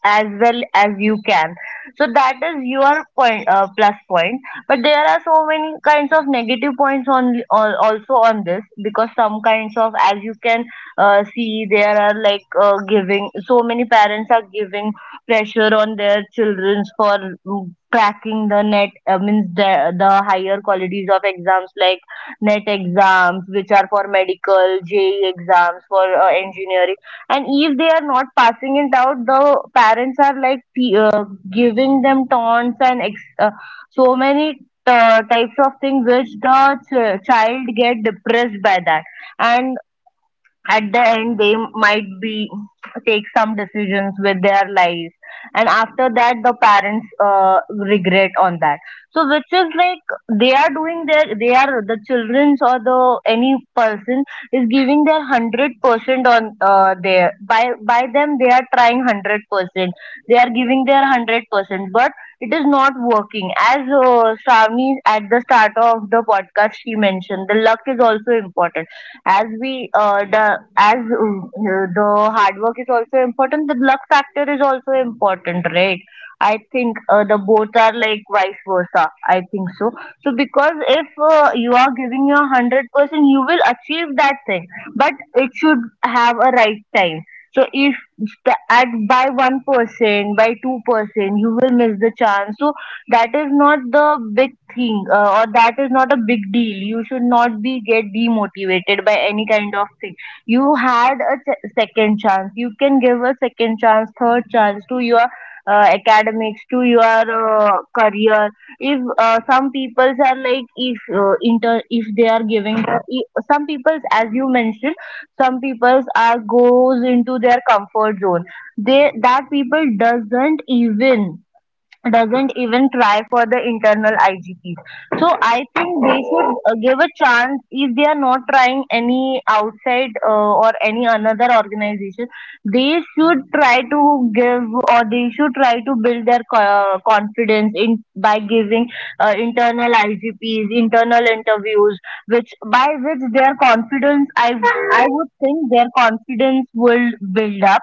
as well as you can. So that is your point, uh, plus point. But there are so many kinds of negative points on al- also on this because some kinds of, as you can uh, see, there are like uh, giving so many parents are giving pressure on their childrens for mm, cracking the net uh, means the, the higher qualities of exams like NET exams, which are for medical, J E exams, for uh, engineering. And if they are not passing it out, the parents are like t- uh, giving them taunts and ex- uh, so many uh, types of things which the ch- child get depressed by that. And at the end they might be take some decisions with their lives, and after that the parents uh, regret on that. So which is like they are doing their, they are, the children's or the any person is giving their hundred percent on uh, their, by by them they are trying hundred percent, they are giving their hundred percent, but it is not working. As uh, Shravani at the start of the podcast she mentioned, the luck is also important. As we uh, the, as uh, the hard work is also important, the luck factor is also important, right? I think uh, the both are like vice versa, I think so. So because if uh, you are giving your hundred percent, you will achieve that thing, but it should have a right time. So if the, at by one percent by two percent you will miss the chance. So that is not the big thing uh, or that is not a big deal. You should not be get demotivated by any kind of thing. You had a se- second chance. You can give a second chance, third chance to your uh, academics, to your uh, career. If uh, some peoples are like, if uh, inter if they are giving the, i- some peoples, as you mentioned, some peoples are goes into their comfort zone. They, that people doesn't even, doesn't even try for the internal I G P's. So I think they should uh, give a chance. If they are not trying any outside uh, or any another organization. They should try to give or they should try to build their co- uh, confidence in by giving uh, internal I G P's, internal interviews, which by which their confidence I I would think their confidence will build up.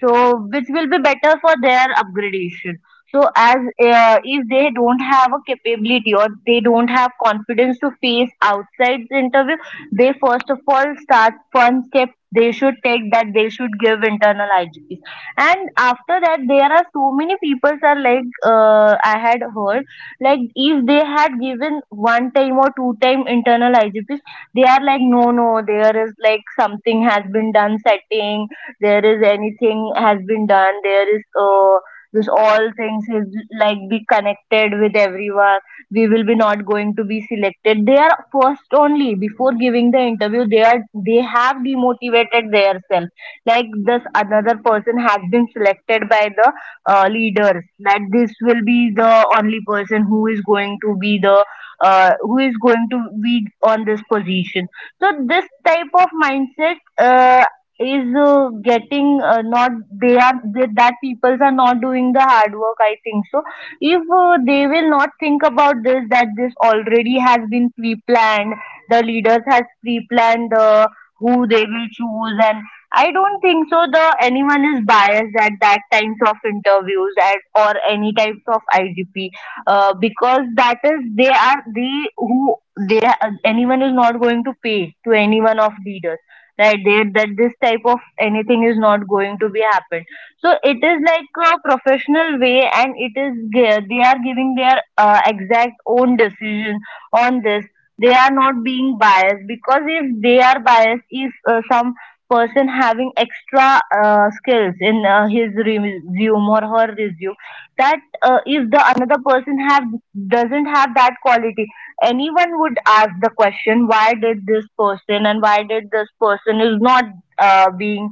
So which will be better for their upgradation so as uh, if they don't have a capability or they don't have confidence to face outside the interview, they first of all start one step they should take that they should give internal I G Ps. And after that there are so many people are like uh, I had heard like if they had given one time or two time internal I G Ps, they are like no no there is like something has been done setting, there is anything has been done, there is uh, this all things is like be connected with everyone, we will be not going to be selected. They are first only before giving the interview they are, they have demotivated themselves like this another person has been selected by the uh, leaders that this will be the only person who is going to be the uh, who is going to be on this position. So this type of mindset uh, is uh, getting uh, not they are they, that peoples are not doing the hard work I think so. If uh, they will not think about this that this already has been pre-planned, the leaders has pre-planned uh, who they will choose. And I don't think so the anyone is biased at that times of interviews at, or any types of I G P. Uh, because that is they are they who they, anyone is not going to pay to any one of leaders, right there. That this type of anything is not going to be happen. So it is like a professional way and it is ge- they are giving their uh, exact own decision on this. They are not being biased, because if they are biased, if uh, some person having extra uh, skills in uh, his resume or her resume, that uh, if the another person have doesn't have that quality, anyone would ask the question why did this person and why did this person is not uh, being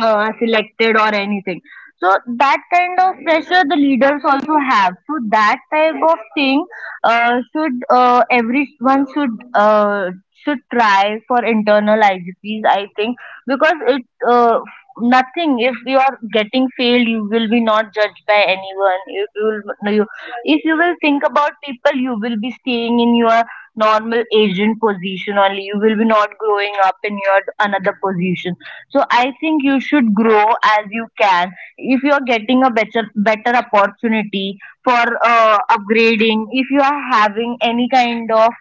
uh, selected or anything. So that kind of pressure the leaders also have. So that type of thing uh, should uh, everyone should uh, should try for internal I G Ps, I think. Because it uh, nothing, if you are getting failed you will be not judged by anyone. If you will no, you, if you will think about people, you will be staying in your normal agent position only, you will be not growing up in your another position. So I think you should grow as you can. If you are getting a better better opportunity for uh, upgrading, if you are having any kind of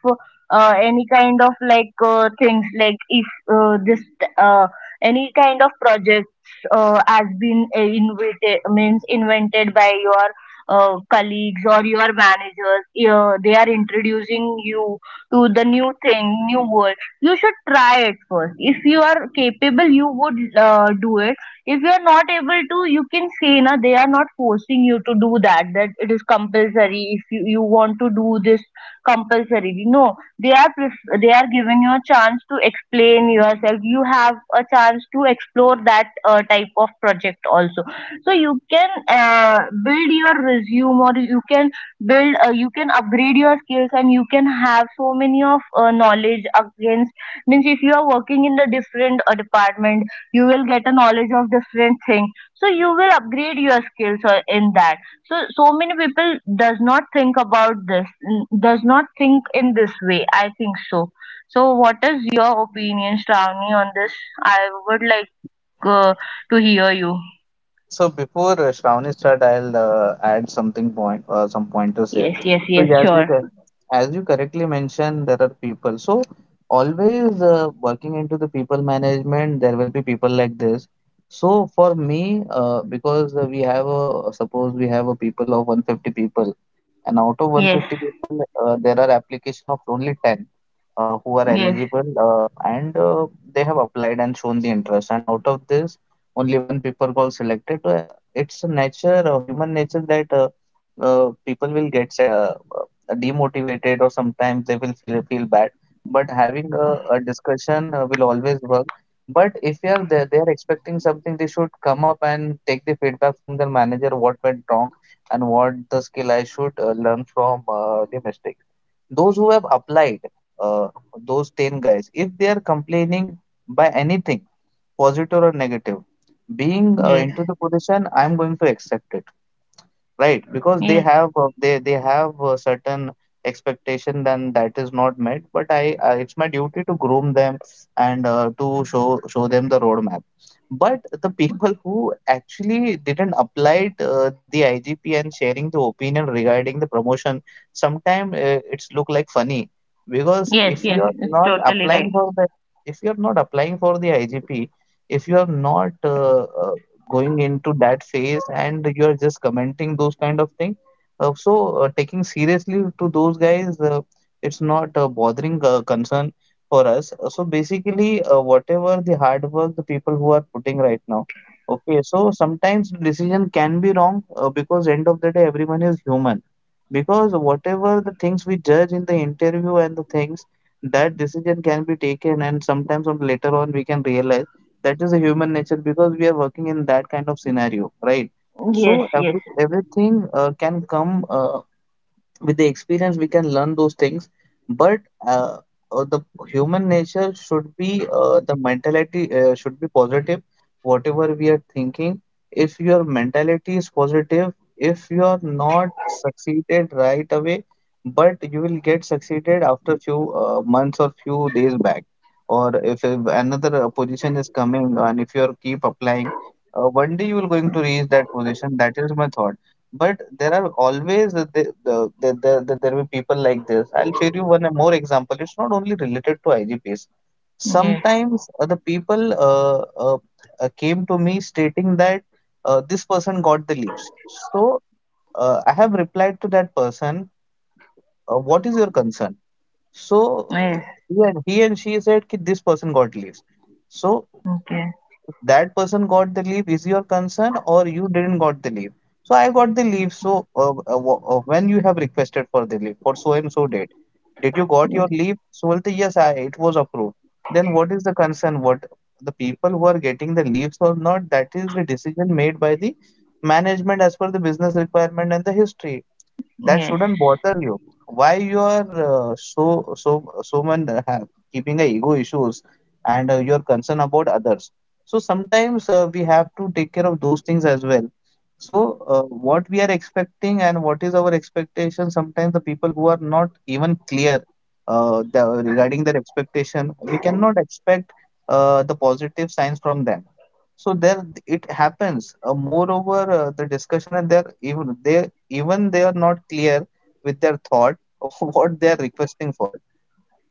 uh, any kind of like uh, things like if uh, this uh, any kind of projects uh, has been uh, invented, means invented by your uh, colleagues or your managers, uh, they are introducing you to the new thing, new world. You should try it first. If you are capable, you would uh, do it. If you are not able to, you can say na, they are not forcing you to do that, that it is compulsory. If you, you want to do this, compulsory no. They are pref- they are giving you a chance to explain yourself. You have a chance to explore that uh, type of project also. So you can uh, build your resume, or you can build uh, you can upgrade your skills, and you can have so many of uh, knowledge against, means if you are working in the different uh, department, you will get a knowledge of different things. So you will upgrade your skills uh, in that. So so many people does not think about this, n- does not think in this way, I think so. So what is your opinion, Shravani, on this? I would like uh, to hear you.
So before uh, Shravani start, I'll uh, add something point, uh, some pointers here.
Yes, yes,
So
yes,
as you
sure.
can, as you correctly mentioned, there are people. So always uh, working into the people management, there will be people like this. So for me, uh, because uh, we have a suppose we have a people of one hundred fifty people, and out of
yes,
one hundred fifty people, uh, there are application of only ten uh, who are
yes,
eligible, uh, and uh, they have applied and shown the interest. And out of this only one paper call selected. Uh, it's a nature, or human nature that uh, uh, people will get uh, uh, demotivated or sometimes they will feel feel bad. But having a, a discussion uh, will always work. But if you are there, they are expecting something, they should come up and take the feedback from their manager what went wrong and what the skill I should uh, learn from uh, the mistake. Those who have applied, uh, those ten guys, if they are complaining by anything, positive or negative, being uh,
yes,
into the position, I'm going to accept it right because they
yes,
have uh, they they have a certain expectation then that is not met but I uh, it's my duty to groom them and uh, to show show them the roadmap but the people who actually didn't apply it, uh, the IGP and sharing the opinion regarding the promotion sometimes uh, it's look like funny because
yes,
if you
yes,
are
it's
not
totally
applying
right.
for the if you are not applying for the IGP if you are not uh, uh, going into that phase and you are just commenting those kind of thing. Uh, so uh, taking seriously to those guys, uh, it's not a bothering uh, concern for us. Uh, So basically, uh, whatever the hard work the people who are putting right now. Okay, so sometimes decision can be wrong uh, because end of the day everyone is human. Because whatever the things we judge in the interview and the things that decision can be taken and sometimes on later on we can realize that is a human nature because we are working in that kind of scenario right
Yes,
so
yes,
every everything uh, can come uh, with the experience we can learn those things but uh, uh, the human nature should be uh, the mentality uh, should be positive whatever we are thinking if your mentality is positive if you are not succeeded right away but you will get succeeded after few uh, months or few days back or if, if another uh, position is coming and if you are keep applying uh, one day you will going to reach that position that is my thought but there are always the, the, the, the, the, the- there will be people like this. I'll share you one more example. It's not only related to I G Ps.
yes,
Sometimes uh, the people uh, uh, uh, came to me stating that uh, this person got the leaves. So uh, I have replied to that person, uh, what is your concern? So uh,
yes.
he and, he and she said that this person got leaves. So
Okay.
that person got the leave is your concern or you didn't got the leave so I got the leave so uh, uh, wh- uh, when you have requested for the leave for so and so date did you got your
Yes.
leave so well the yes I, it was approved then what is the concern what the people who are getting the leaves or not that is the decision made by the management as per the business requirement and the history that
Yes,
shouldn't bother you. Why you are uh, so so so much uh, have keeping a ego issues and uh, your concern about others. So sometimes uh, we have to take care of those things as well. So uh, what we are expecting and what is our expectation? Sometimes the people who are not even clear uh, the, regarding their expectation, we cannot expect uh, the positive signs from them. So there it happens. Uh, moreover, uh, the discussion and there even they even they are not clear with their thought of [LAUGHS] what they are requesting for.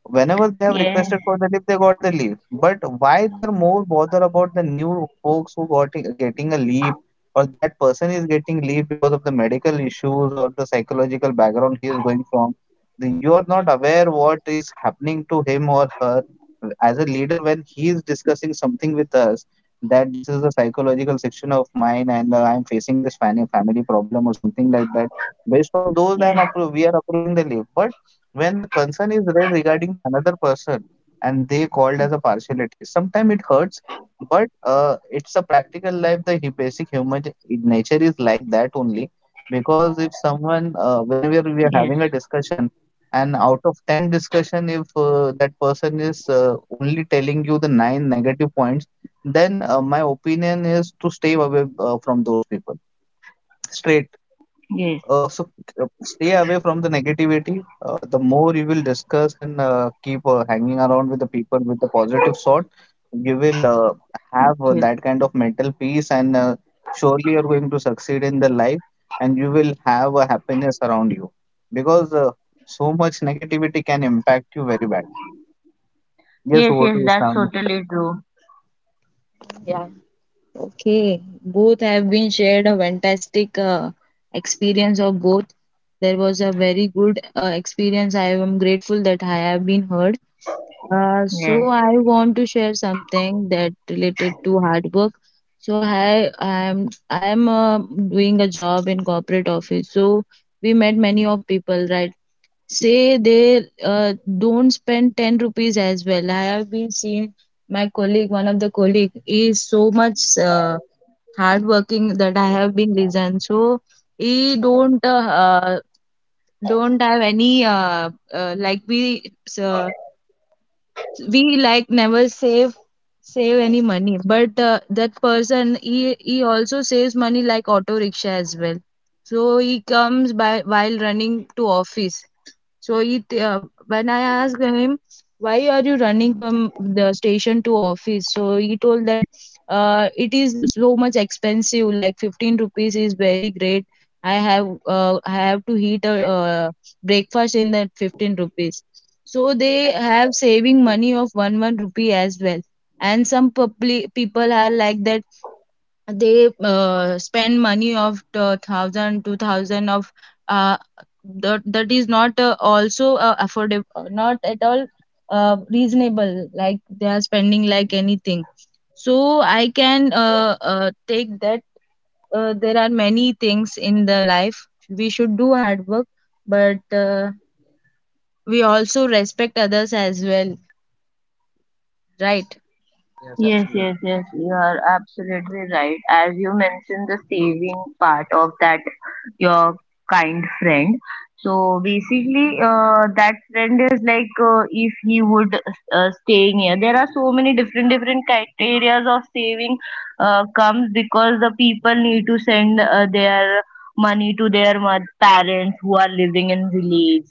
Whenever they have
yes,
requested for the leave, they got the leave. But why they are more bothered about the new folks who got getting a leave or that person is getting leave because of the medical issues or the psychological background he is going from. The, you are not aware what is happening to him or her as a leader when he is discussing something with us that this is a psychological section of mine and uh, I'm facing this family family problem or something like that. Based on those, I'm
yes,
appro- we are approving the leave. But when the concern is raised regarding the another person and they called as a partiality sometimes it hurts but uh, it's a practical life the hu- basic human nature is like that only because if
yes,
someone uh, whenever we are having a discussion and out of ten discussion if uh, that person is uh, only telling you the nine negative points then uh, my opinion is to stay away uh, from those people straight
yes,
uh, so uh, stay away from the negativity. Uh, the more you will discuss and uh, keep uh, hanging around with the people with the positive sort, you will uh,
yes,
have uh, that kind of mental peace, and uh, surely you're going to succeed in the life, and you will have a happiness around you because uh, so much negativity can impact you very badly. Yes,
yes,
over
yes,
to
that's
Islam.
totally true.
Yeah, okay, both have been shared a fantastic uh, experience of both. There was a very good uh, experience. I am grateful that I have been heard. Uh,
Yes.
so I want to share something that related to hard work. So I I am I am uh, doing a job in corporate office. So we met many of people, right? Say they uh, don't spend ten rupees as well. I have been seeing my colleague, one of the colleague, is so much. Uh, hardworking that I have been listened. So he don't uh, uh, don't have any uh, uh, like we uh, we like never save save any money. But uh, that person he he also saves money like auto rickshaw as well. So he comes by while running to office. So he, t- uh, when I asked him, why are you running from the station to office? So he told that uh, it is so much expensive, like fifteen rupees is very great. I have uh, I have to heat a uh, breakfast in that fifteen rupees. So they have saving money of one one rupee as well. And some public people are like that they uh, spend money of the thousand two thousand of uh, that, that is not uh, also uh, affordable, uh, not at all uh, reasonable, like they are spending like anything. So I can uh, uh, take that. Uh, there are many things in the life we should do hard work, but uh, we also respect others as well, right?
Yes, yes, yes, you are absolutely right. As you mentioned, the saving part of that your kind friend. So basically, uh, that friend is like uh, if he would uh, staying here. There are so many different different criteria of saving uh, comes, because the people need to send uh, their money to their mo- parents who are living in village.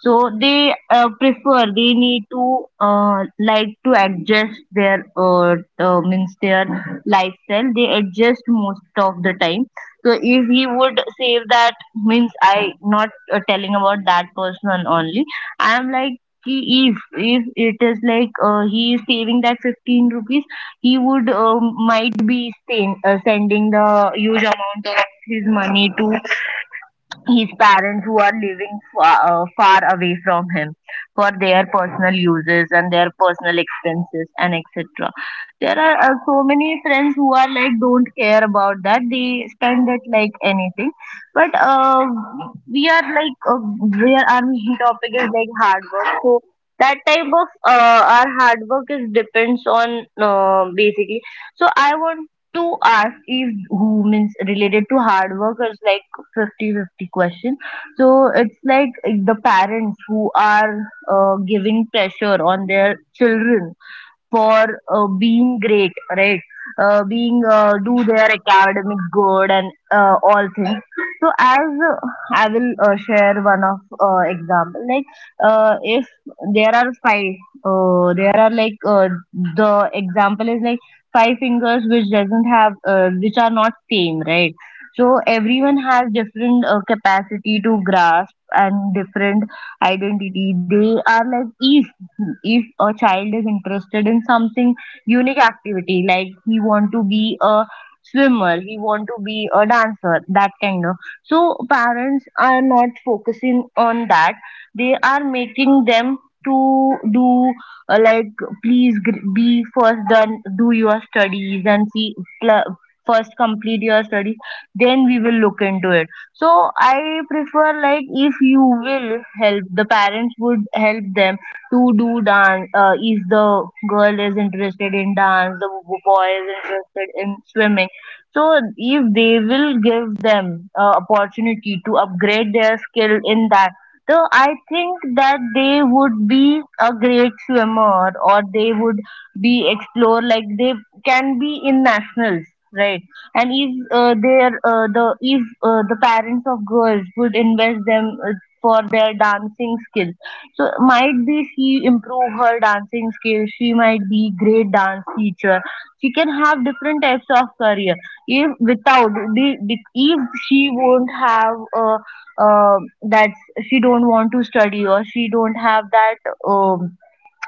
So they uh, prefer, they need to uh, like to adjust their uh, uh, means their lifestyle. They adjust most of the time. So if he would say that means I not uh, telling about that person only. I am like ki, if if it is like uh, he is saving that fifteen rupees, he would um, might be send, uh, sending the huge amount of his money to his parents who are living far, uh, far away from him for their personal uses and their personal expenses and etc. There are uh, so many friends who are like don't care about that, they spend it like anything. But uh, we are like uh, where our main topic is like hard work. So that type of uh, our hard work is depends on uh, basically. So I want to ask, if who means related to hard workers like, fifty-fifty question. So it's like the parents who are uh, giving pressure on their children for uh, being great, right? Uh, being uh, do their academic good and uh, all things. So as uh, I will uh, share one of uh, example, like uh, if there are five, uh, there are like uh, the example is like five fingers which doesn't have uh, which are not same, right? So everyone has different uh, capacity to grasp and different identity. They are like each, if a child is interested in something unique activity, like he want to be a swimmer, he want to be a dancer, that kind of. So parents are not focusing on that, they are making them to do uh, like please gr- be first done, do your studies and see, pl- first complete your studies then we will look into it. So I prefer like if you will help, the parents would help them to do dance. Uh, if the girl is interested in dance, the b- boy is interested in swimming. So if they will give them uh, opportunity to upgrade their skill in that, so I think that they would be a great swimmer or they would be explore, like they can be in nationals, right? And if uh, their uh, the if uh, the parents of girls would invest them uh, for their dancing skill, so might be she improve her dancing skills. She might be great dance teacher. She can have different types of career. If without the- the- If she won't have uh, uh, that, she don't want to study, or she don't have that um,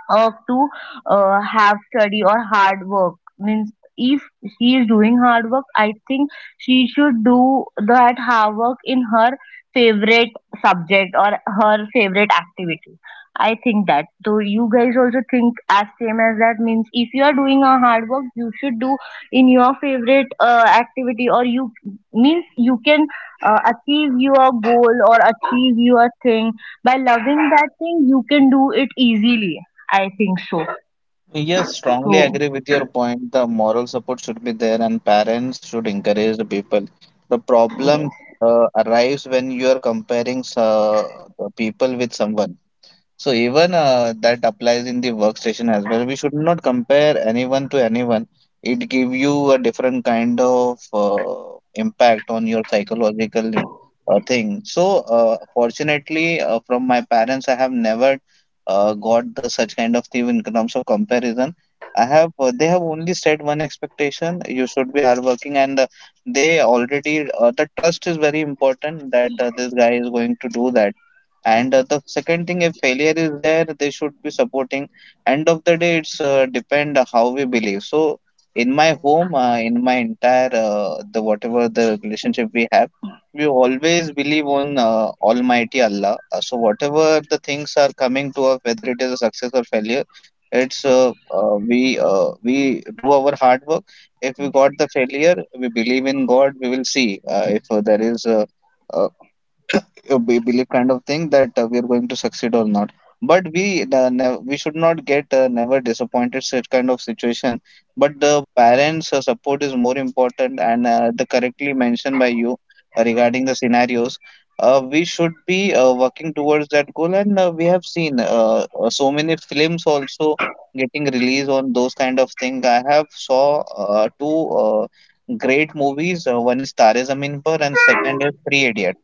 uh, to uh, have study or hard work, means if she is doing hard work, I think she should do that hard work in her favorite subject or her favorite activity. I think that, so you guys also think as same as that, means if you are doing a hard work you should do in your favorite uh, activity, or you means you can uh, achieve your goal or achieve your thing by loving that thing, you can do it easily, I think so.
Yes, strongly
So
agree with your point. The moral support should be there, and parents should encourage the people. The problem
yes,
uh, arrives when you are comparing uh, the people with someone. So even uh, that applies in the workstation as well. We should not compare anyone to anyone. It give you a different kind of uh, impact on your psychological uh, thing. So uh, fortunately, uh, from my parents, I have never uh, got the such kind of thing in terms of comparison. I have uh, they have only said one expectation: you should be hardworking, and uh, they already uh, the trust is very important, that uh, this guy is going to do that, and uh, the second thing, if failure is there, they should be supporting. End of the day, it's uh, depend how we believe. So in my home, uh, in my entire uh, the whatever the relationship we have, we always believe on uh, Almighty Allah. Uh, so whatever the things are coming to us, whether it is a success or failure, it's uh, uh, we uh, we do our hard work. If we got the failure, we believe in God. We will see uh, if uh, there is. Uh, uh, uh, be- belief kind of thing, that uh, we're going to succeed or not, but we uh, nev- we should not get uh, never disappointed such kind of situation. But the parents uh, support is more important, and uh, the correctly mentioned by you uh, regarding the scenarios, uh, we should be uh, working towards that goal, and uh, we have seen uh, uh, so many films also getting released on those kind of thing. I have saw uh, two uh, great movies, uh, one is Tare Zameen Par and second is Three Idiots,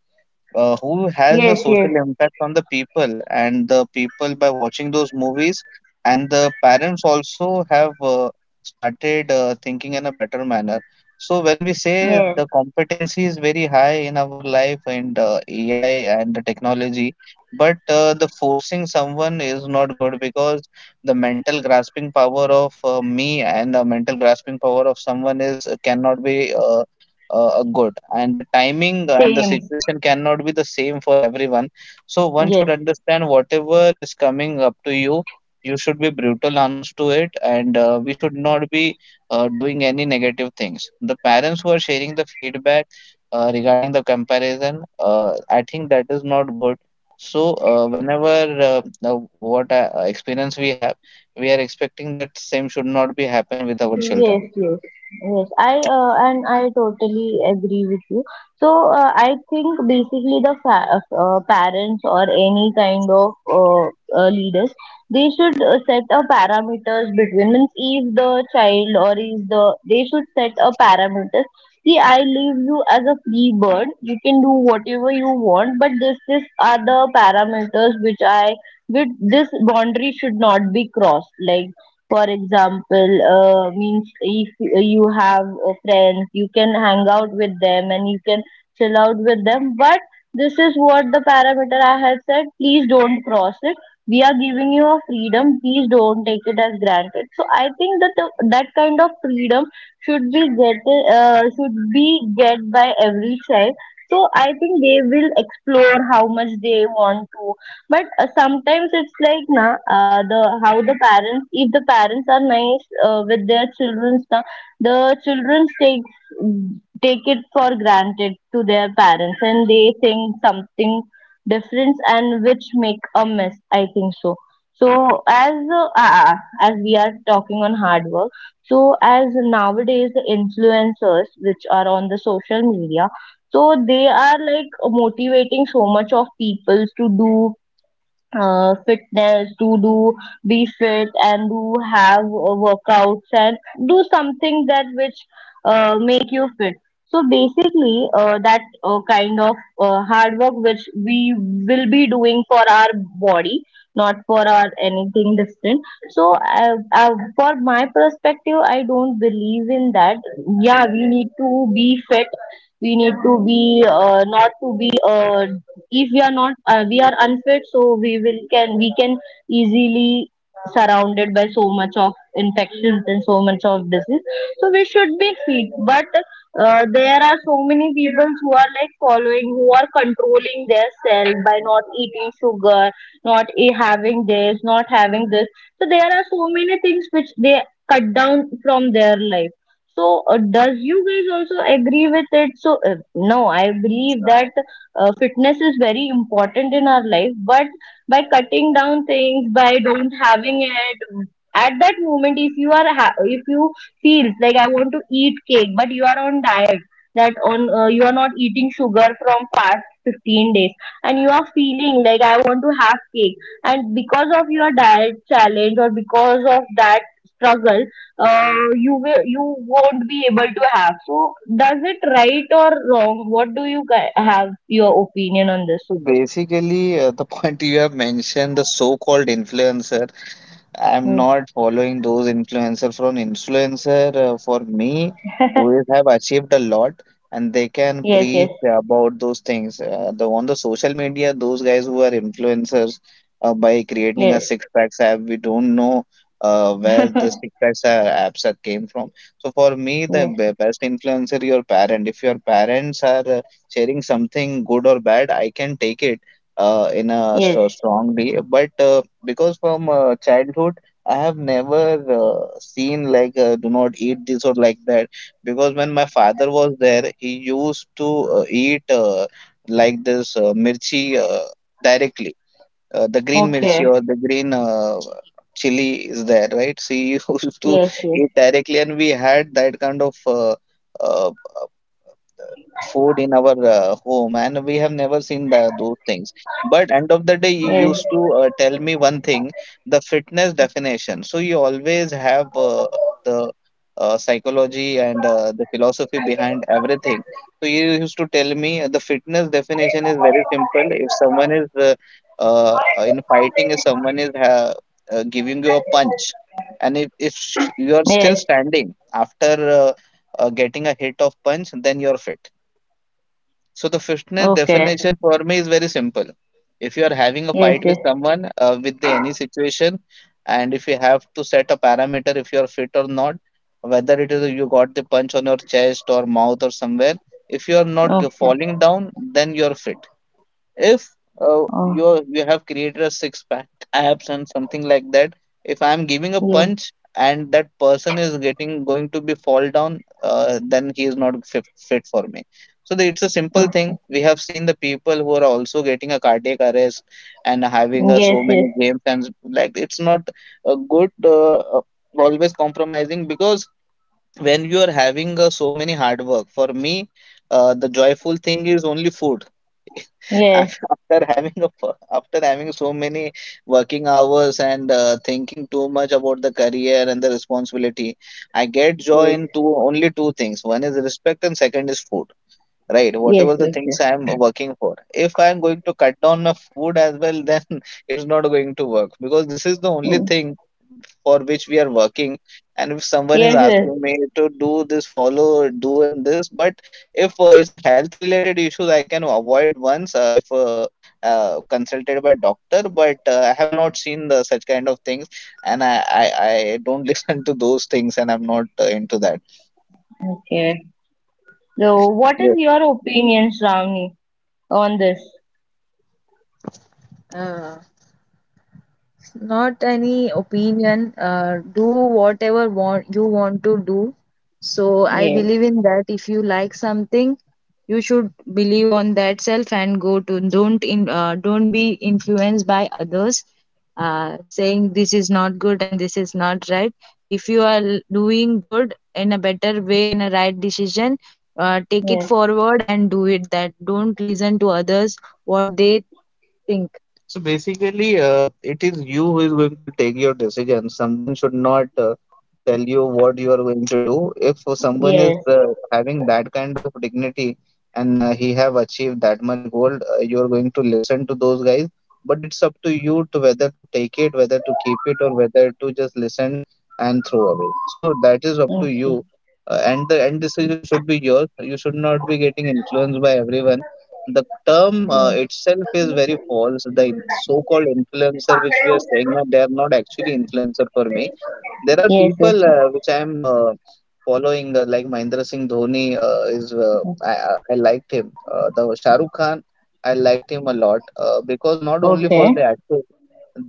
uh, who has a
yes, yes,
social impact on the people, and the people by watching those movies and the parents also have uh, started uh, thinking in a better manner. So when we say
yes.
the competency is very high in our life, and uh, ai and the technology, but uh, the forcing someone is not good, because the mental grasping power of uh, me and the mental grasping power of someone is uh, cannot be uh, uh, good, and the timing and the
Thames.
situation cannot be the same for everyone. So one should
Yes.
understand whatever is coming up to you. You should be brutal honest to it, and uh, we should not be uh, doing any negative things. The parents who are sharing the feedback uh, regarding the comparison, uh, I think that is not good. So uh, whenever uh, uh, what uh, experience we have, we are expecting that same should not be happen with our children.
Yes, yes, yes. I uh, and I totally agree with you. So uh, I think basically the fa- uh, parents or any kind of uh, uh, leaders, they should uh, set a parameters between, means if the child or is the, they should set a parameters. See, I leave you as a free bird. You can do whatever you want, but this this are the parameters which I, with this boundary should not be crossed. Like for example, uh, means if you have uh, friends, you can hang out with them and you can chill out with them. But this is what the parameter I had said. Please don't cross it. We are giving you a freedom. Please don't take it as granted. So I think that the, that kind of freedom should be get uh, should be get by every child. So I think they will explore how much they want to. But uh, sometimes it's like na, uh, the how the parents, if the parents are nice uh, with their children, the, the children takes take it for granted to their parents, and they think something different and which make a mess, I think so. So as uh, uh, as we are talking on hard work, so as nowadays the influencers which are on the social media, so they are like motivating so much of people to do uh, fitness, to do be fit and do have uh, workouts and do something that which uh, make you fit. So basically, uh, that uh, kind of uh, hard work which we will be doing for our body, not for our anything different. So, uh, uh, for my perspective, I don't believe in that. Yeah, we need to be fit. We need to be uh, not to be uh, if we are not uh, we are unfit, so we will can we can easily surrounded by so much of infections and so much of disease. So we should be fit. But uh, there are so many people who are like following, who are controlling their self by not eating sugar, not e- having this, not having this. So there are so many things which they cut down from their life. So, uh, does you guys also agree with it? So, uh, no, I believe that uh, fitness is very important in our life, but by cutting down things, by don't having it at that moment, if you are ha- if you feel like I want to eat cake, but you are on diet, that on uh, you are not eating sugar from past fifteen days, and you are feeling like I want to have cake, and because of your diet challenge or because of that struggle, uh, you will, you won't be able to have. So does it right or wrong? What do you gui- have your opinion on this?
So basically, uh, the [LAUGHS] point you have mentioned, the so-called influencer, I'm
Mm.
not following those influencer from influencer uh, for me, who
[LAUGHS]
have achieved a lot and they can
Yes, yes,
preach about those things. Uh, the on the social media, those guys who are influencers uh, by creating a
yes.
six packs app, we don't know uh, where the
[LAUGHS]
six packs apps are came from. So for me, the
Yes,
be- best influencer your parent. If your parents are uh, sharing something good or bad, I can take it uh, in a
yes.
stro- strong strongly, but uh, because from uh, childhood, I have never uh, seen like uh, do not eat this or like that. Because when my father was there, he used to uh, eat uh, like this uh, mirchi, uh, directly. Uh, the green mirchi,
Okay.
or the green uh, chili is there, right? So he [LAUGHS] used to
Yes, yes,
eat directly, and we had that kind of uh, uh, food in our uh, home, and we have never seen the those things. But end of the day, you
yes,
used to uh, tell me one thing, the fitness definition. So you always have uh, the uh, psychology and uh, the philosophy behind everything. So you used to tell me uh, the fitness definition is very simple. If someone is uh, uh, in fighting, if someone is uh, uh, giving you a punch, and if, if sh- you are
yes.
still standing after uh, uh, getting a hit of punch, then you're fit. So the fitness
Okay.
definition for me is very simple. If you are having a
Yes,
fight
yes.
with someone, uh, with the any situation, and if you have to set a parameter if you are fit or not, whether it is you got the punch on your chest or mouth or somewhere, if you are not g-
Okay.
falling down, then you are fit. If uh, you
Oh,
are- you have created a six pack abs and something like that, if I'm giving a
yes,
punch and that person is getting going to be fall down, uh, then he is not fit, fit for me. So the, it's a simple thing.
oh.
We have seen the people who are also getting a cardiac arrest and having uh,
Yes,
so many
yes,
games, and like, it's not a good uh, uh, always compromising. Because when you are having uh, so many hard work, for me, uh, the joyful thing is only food. [LAUGHS]
yes,
after after having a, per- after having so many working hours and uh, thinking too much about the career and the responsibility, I get joy
yes,
in two only two things: one is respect and second is food, right?
yes,
Whatever the
yes,
things
yes.
I am working for, if I am going to cut down my food as well, then [LAUGHS] it's not going to work, because this is the only
Mm.
thing for which we are working. And if someone is
Yes, yes.
asking me to do this, follow doing this, but if uh, it's a health related issue, I can avoid once uh, if uh, uh, consulted by doctor. But uh, I have not seen the such kind of things, and I, I i don't [LAUGHS] listen to those things, and I'm not uh, into that.
Okay. So, what is your opinion, Shravani, on this?
Yes. It's not any opinion. Uh, do whatever want you want to do. So I
Yeah.
believe in that. If you like something, you should believe on that self and go to. Don't in, uh, don't be influenced by others uh, saying this is not good and this is not right. If you are l- doing good in a better way and a right decision, uh, take it
Yes.
forward and do it. That, don't listen to others what they think. So basically, uh, it is you who is going to take your decision. Someone should not uh, tell you what you are going to do. If someone is
Yes.
uh, having that kind of dignity and uh, he have achieved that much goal, uh, you are going to listen to those guys. But it's up to you to whether to take it, whether to keep it, or whether to just listen and throw away. So that is up to
Okay.
you. Uh, and the end decision should be yours. You should not be getting influenced by everyone. The term uh,
Yes.
itself is very false. The in- so-called influencer, which we are saying that they are not actually influencer for me. There are
Yes. Yes.
people
Yes.
uh, which I am uh, following, uh, like Mahindra Singh Dhoni uh, is. Uh, I,
Yes.
I I liked him. Uh, the Shah Rukh Khan, I liked him a lot, uh, because not only for
Okay.
the actor,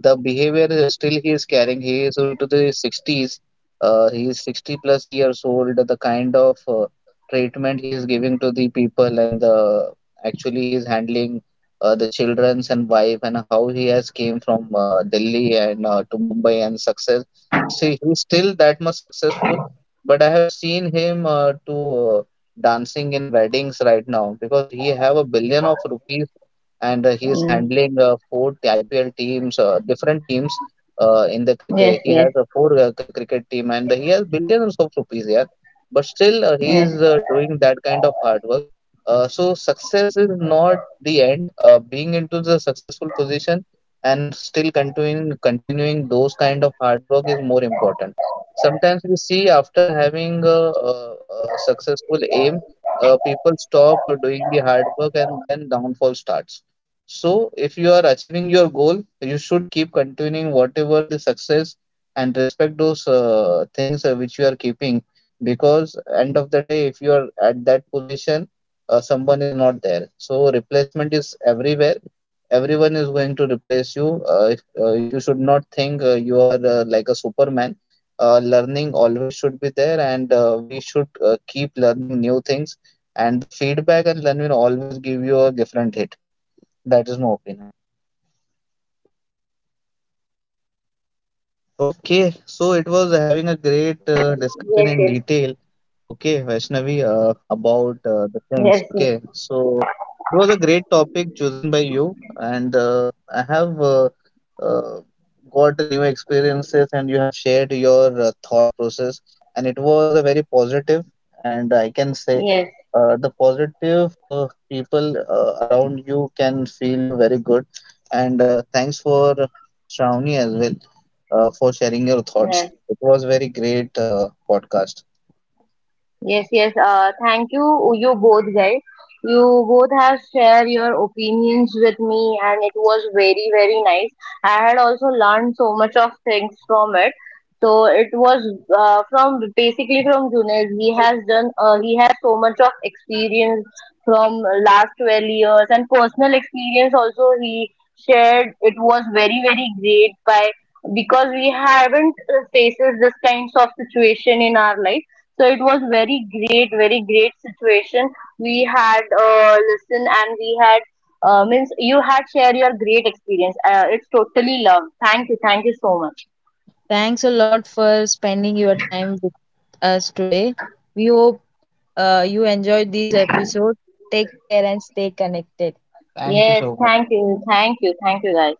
the behavior uh, still he is carrying. He is into the sixties. Uh, he is sixty plus years old. The kind of uh, treatment he is giving to the people, and the actually he is handling uh, the children's and wife, and how he has came from uh, Delhi and uh, to Mumbai and success. See, he's still that much successful, but I have seen him uh, to uh, dancing in weddings right now, because he have a billion of rupees, and uh, he is
Mm.
handling uh, four I P L teams, uh, different teams. Uh, in the cricket,
Yes.
he
Yes.
has a four uh, cr- cricket team, and he has billions of rupees. Yeah, but still uh, he
Yes.
is uh, doing that kind of hard work. Uh, so success is not the end. Uh, being into the successful position and still continuing continuing those kind of hard work is more important. Sometimes we see after having a, a, a successful aim, uh, people stop uh, doing the hard work, and then downfall starts. So if you are achieving your goal, you should keep continuing whatever the success, and respect those uh, things uh, which you are keeping, because end of the day, if you are at that position, uh, someone is not there. So replacement is everywhere. Everyone is going to replace you. Uh, if- uh, if you should not think uh, you are uh, like a superman. Uh, learning always should be there, and uh, we should uh, keep learning new things. And the feedback and learning will always give you a different hit. That is my opinion. Okay, so
Yes.
it was having a great uh, discussion in detail, okay, Vaishnavi, uh,
Yes.
about
Yes.
uh, the things, okay. So it was a great topic chosen by you, and uh, I have uh, uh, got new experiences, and you have shared your uh, thought process, and it was a very positive, and I can say
Yes.
uh, the positive uh, people uh, around you can feel you very good, and uh, thanks for Shravani as well uh, for sharing your thoughts.
Yes.
It was very great uh, podcast.
Yes, yes. Uh, thank you, you both guys. You both have shared your opinions with me, and it was very, very nice. I had also learned so much of things from it. So it was uh, from basically from Junaid. He has done. Uh, he has so much of experience from last twelve years, and personal experience also he shared. It was very, very great by, because we haven't uh, faces this kinds of situation in our life. So it was very great, very great situation. We had uh, listen and we had uh, means you had share your great experience. Uh, it's totally love. Thank you, thank you so much.
Thanks a lot for spending your time with us today. We hope uh, you enjoyed this episode. Take care and stay connected. Thank you
Yes,
so much.
thank you, thank you, thank you guys.